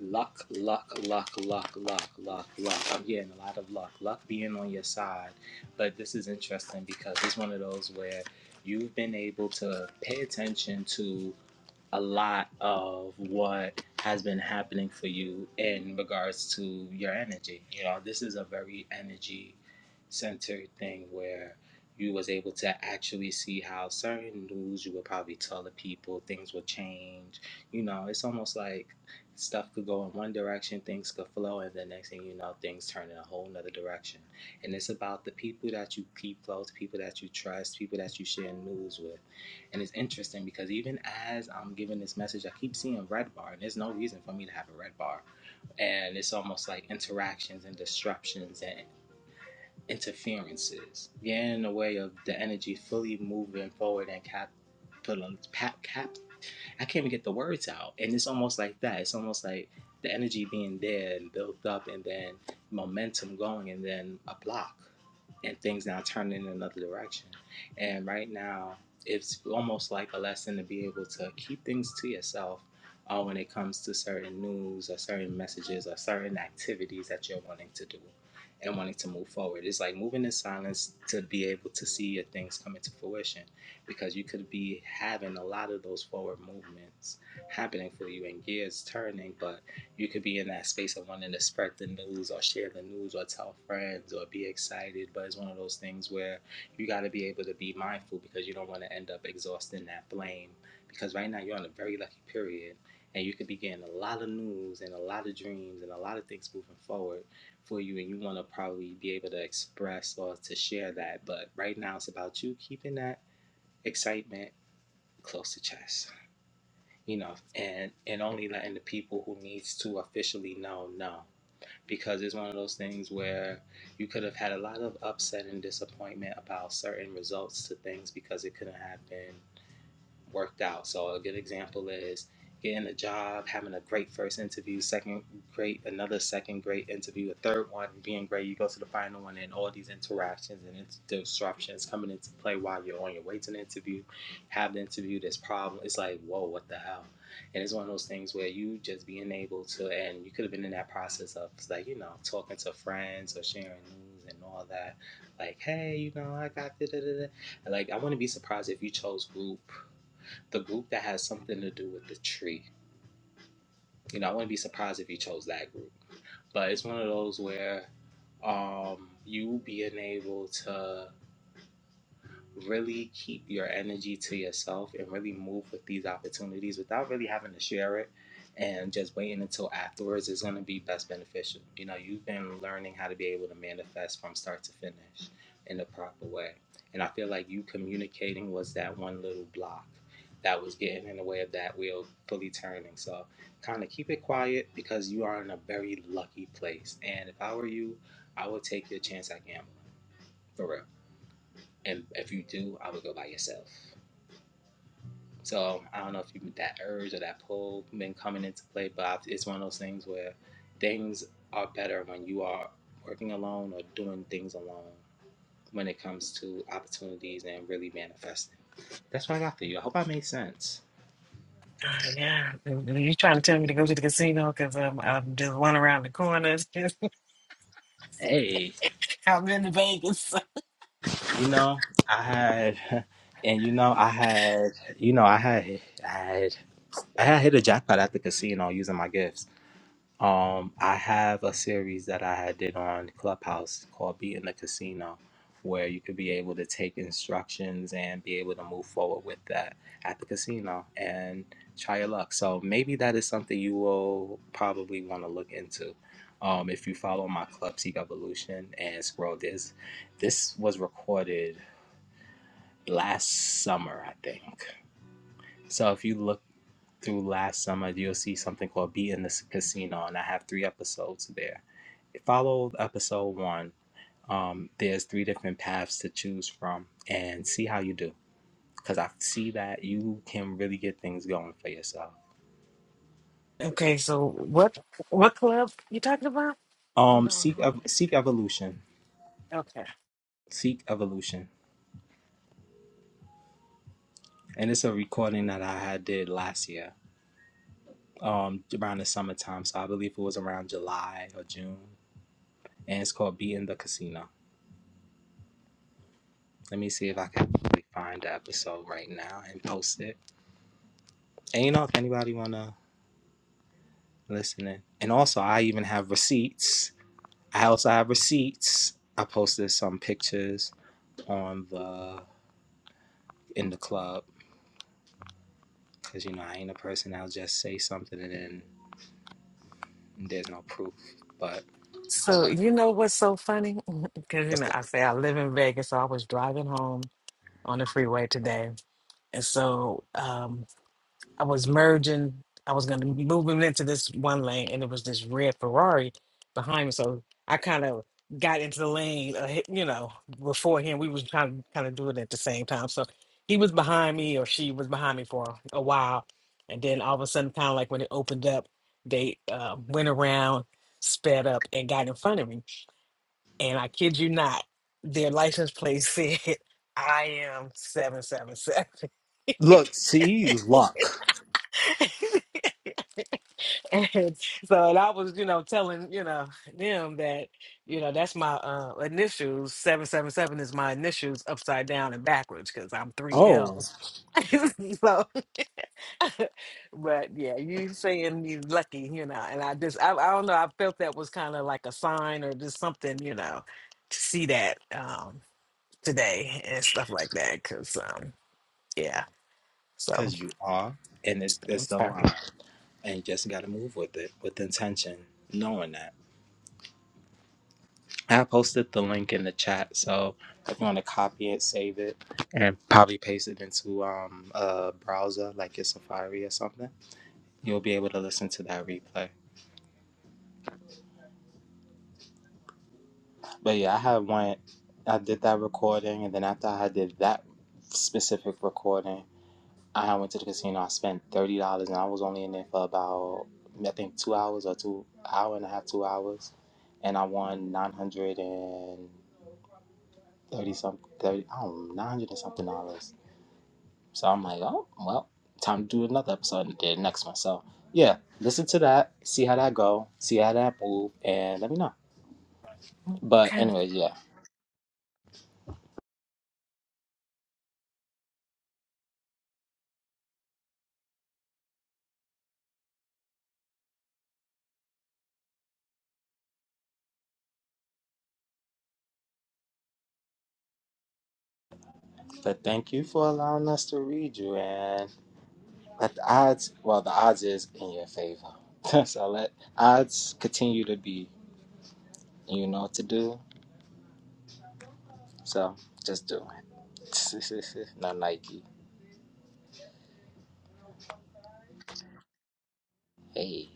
S1: Luck, luck, luck, luck, luck, luck, luck. I'm getting a lot of luck. Luck being on your side. But this is interesting because it's one of those where you've been able to pay attention to a lot of what has been happening for you in regards to your energy. You know, this is a very energy centered thing where you was able to actually see how certain news you would probably tell the people things would change. You know, it's almost like stuff could go in one direction, things could flow, and the next thing you know, things turn in a whole nother direction. And it's about the people that you keep close, people that you trust, people that you share news with and it's interesting because even as I'm giving this message, I keep seeing red bar, and there's no reason for me to have a red bar. And it's almost like interactions and disruptions and interferences getting in the way of the energy fully moving forward and cap, cap. I can't even get the words out. And it's almost like that. It's almost like the energy being there and built up and then momentum going and then a block and things now turning in another direction. And right now, it's almost like a lesson to be able to keep things to yourself uh, when it comes to certain news or certain messages or certain activities that you're wanting to do and wanting to move forward. It's like moving in silence to be able to see your things come into fruition because you could be having a lot of those forward movements happening for you and gears turning, but you could be in that space of wanting to spread the news or share the news or tell friends or be excited. But it's one of those things where you got to be able to be mindful because you don't want to end up exhausting that flame. Because right now you're on a very lucky period and you could be getting a lot of news and a lot of dreams and a lot of things moving forward for you and you want to probably be able to express or to share that but right now it's about you keeping that excitement close to chest you know and and only letting the people who needs to officially know know because it's one of those things where you could have had a lot of upset and disappointment about certain results to things because it couldn't happen worked out. So a good example is getting a job, having a great first interview, second great, another second great interview, a third one being great. You go to the final one, and all these interactions and int- disruptions coming into play while you're on your way to the interview. Have the interview, this problem. It's like, whoa, what the hell? And it's one of those things where you just being able to, and you could have been in that process of like, you know, talking to friends or sharing news and all that. Like, hey, you know, I got da da da. da. Like, I wouldn't be surprised if you chose group the group that has something to do with the tree. You know, I wouldn't be surprised if you chose that group. But it's one of those where um, you being able to really keep your energy to yourself and really move with these opportunities without really having to share it and just waiting until afterwards is going to be best beneficial. You know, you've been learning how to be able to manifest from start to finish in a proper way. And I feel like you communicating was that one little block that was getting in the way of that wheel fully turning. So kind of keep it quiet because you are in a very lucky place. And if I were you, I would take your chance at gambling for real. And if you do, I would go by yourself. So I don't know if you that urge or that pull been coming into play, but it's one of those things where things are better when you are working alone or doing things alone when it comes to opportunities and really manifesting. That's what I got for you. I hope I made sense.
S4: Uh, yeah. You trying to tell me to go to the casino because um, I'm just one around the corner. It's just-
S1: Hey,
S4: I'm in Vegas.
S1: you know, I had, and you know, I had, you know, I had, I had, I had hit a jackpot at the casino using my gifts. Um, I have a series that I had did on Clubhouse called Beating the Casino, where you could be able to take instructions and be able to move forward with that at the casino and try your luck. So maybe that is something you will probably want to look into. Um, if you follow my Club Seek Evolution and scroll this, this was recorded last summer, I think. So if you look through last summer, you'll see something called Be in the Casino, and I have three episodes there. Follow episode one. Um, there's three different paths to choose from, and see how you do. Because I see that you can really get things going for yourself.
S4: Okay, so what what club you talking about? Hold
S1: Um,
S4: on.
S1: seek
S4: let me
S1: ev- seek evolution,
S4: write- Okay.
S1: seek evolution, and it's a recording that I had did last year, um, around the summertime. So I believe it was around July or June, and it's called Be in the Casino Let me see if I can find the episode right now and post it. And you know, if anybody wanna listen in. And also I even have receipts. I also have receipts. I posted some pictures on the in the club. Cause you know, I ain't a person that'll just say something and then there's no proof. But hold
S4: So
S1: up.
S4: you know what's so funny? Because you know I say I live in Vegas, so I was driving home on the freeway today, and so um, I was merging. I was going to move him into this one lane, and it was this red Ferrari behind me. So I kind of got into the lane, uh, hit- you know, before him. We was trying to kind of do it at the same time. So he was behind me, or she was behind me for a while, and then all of a sudden, kind of like when it opened up, they uh, went around, sped up, and got in front of me. And I kid you not, their license plate said, "I am 777
S1: Look, see luck.
S4: And so and I was, you know, telling, you know, them that, you know, that's my uh initials. Seven seven seven is my initials upside down and backwards because I'm three
S1: Oh,
S4: L's. so but yeah, you saying you lucky, you know, and I just I, I don't know, I felt that was kind of like a sign or just something, you know, to see that um today and stuff like that. Cause um yeah. So
S1: cause you are. And it, it's the
S4: okay.
S1: line. And you just gotta move with it with intention, knowing that. I posted the link in the chat, so if you want to copy it, save it, and probably paste it into um, a browser like your Safari or something, you'll be able to listen to that replay. But yeah, I had went, I did that recording, and then after I did that specific recording, I went to the casino. I spent thirty dollars, and I was only in there for about I think two hours or two hour and a half, two hours, and I won nine hundred and thirty some thirty, I don't know, nine hundred and something dollars So I'm like, oh, well, time to do another episode and did the next one. So yeah, listen to that, see how that go, see how that move, and let me know. But anyways, yeah. But thank you for allowing us to read you and let the odds well the odds is in your favor. so let odds continue to be you know what to do. So just do it. no Nike. Hey.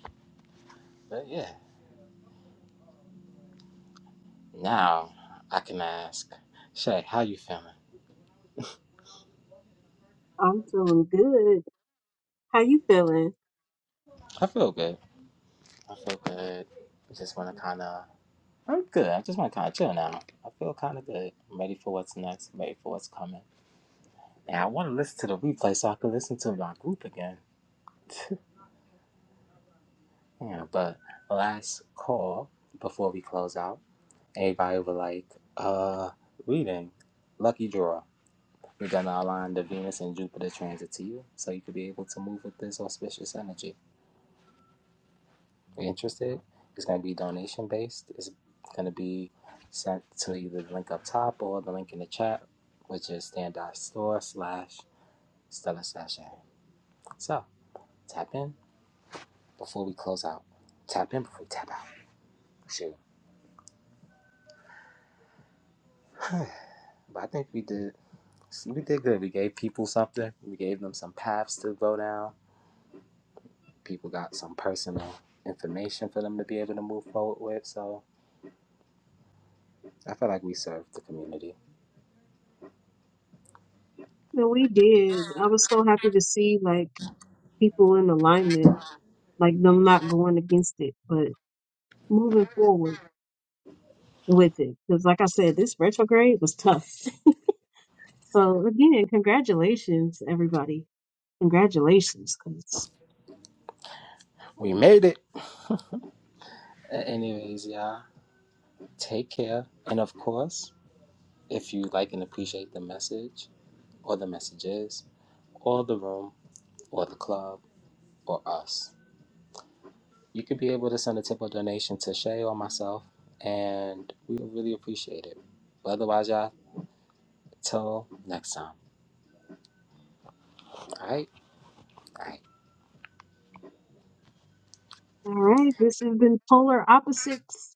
S1: But yeah. Now I can ask, Shay, how you feeling?
S2: I'm feeling good. How you feeling?
S1: I feel good. I feel good. I just want to kind of. I'm good. I just want to kind of chill now. I feel kind of good. I'm ready for what's next. I'm ready for what's coming. Now I want to listen to the replay so I can listen to my group again. yeah, but last call before we close out, everybody were like, "Uh, reading, lucky draw. We're gonna align the Venus and Jupiter transit to you, so you could be able to move with this auspicious energy." you're interested. It's going to be donation based. It's going to be sent to either the link up top or the link in the chat, which is stand.store slash Stella Sachet. So tap in before we close out. Tap in before we tap out. Shoot. but I think we did we did good. We gave people something. We gave them some paths to go down. People got some personal information for them to be able to move forward with. So I feel like we served the community.
S2: No, we did. I was so happy to see like people in alignment, like them not going against it, but moving forward with it. Because, like I said, this retrograde was tough. So again, congratulations, everybody. Congratulations. 'cause-
S1: We made it. Anyways, y'all. Take care. And of course, if you like and appreciate the message or the messages or the room or the club or us, you could be able to send a tip or donation to Shay or myself, and we would really appreciate it. But otherwise, y'all, till next time. All right? All right.
S2: all right, this has been polar opposites.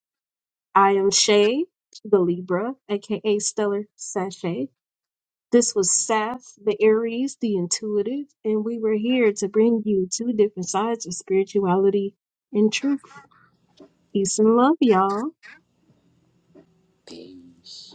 S2: I am Shay, the Libra, aka Stellar Sachet. This was Saf, the Aries, the intuitive, and we were here to bring you two different sides of spirituality and truth. Peace and love, y'all.
S1: Peace.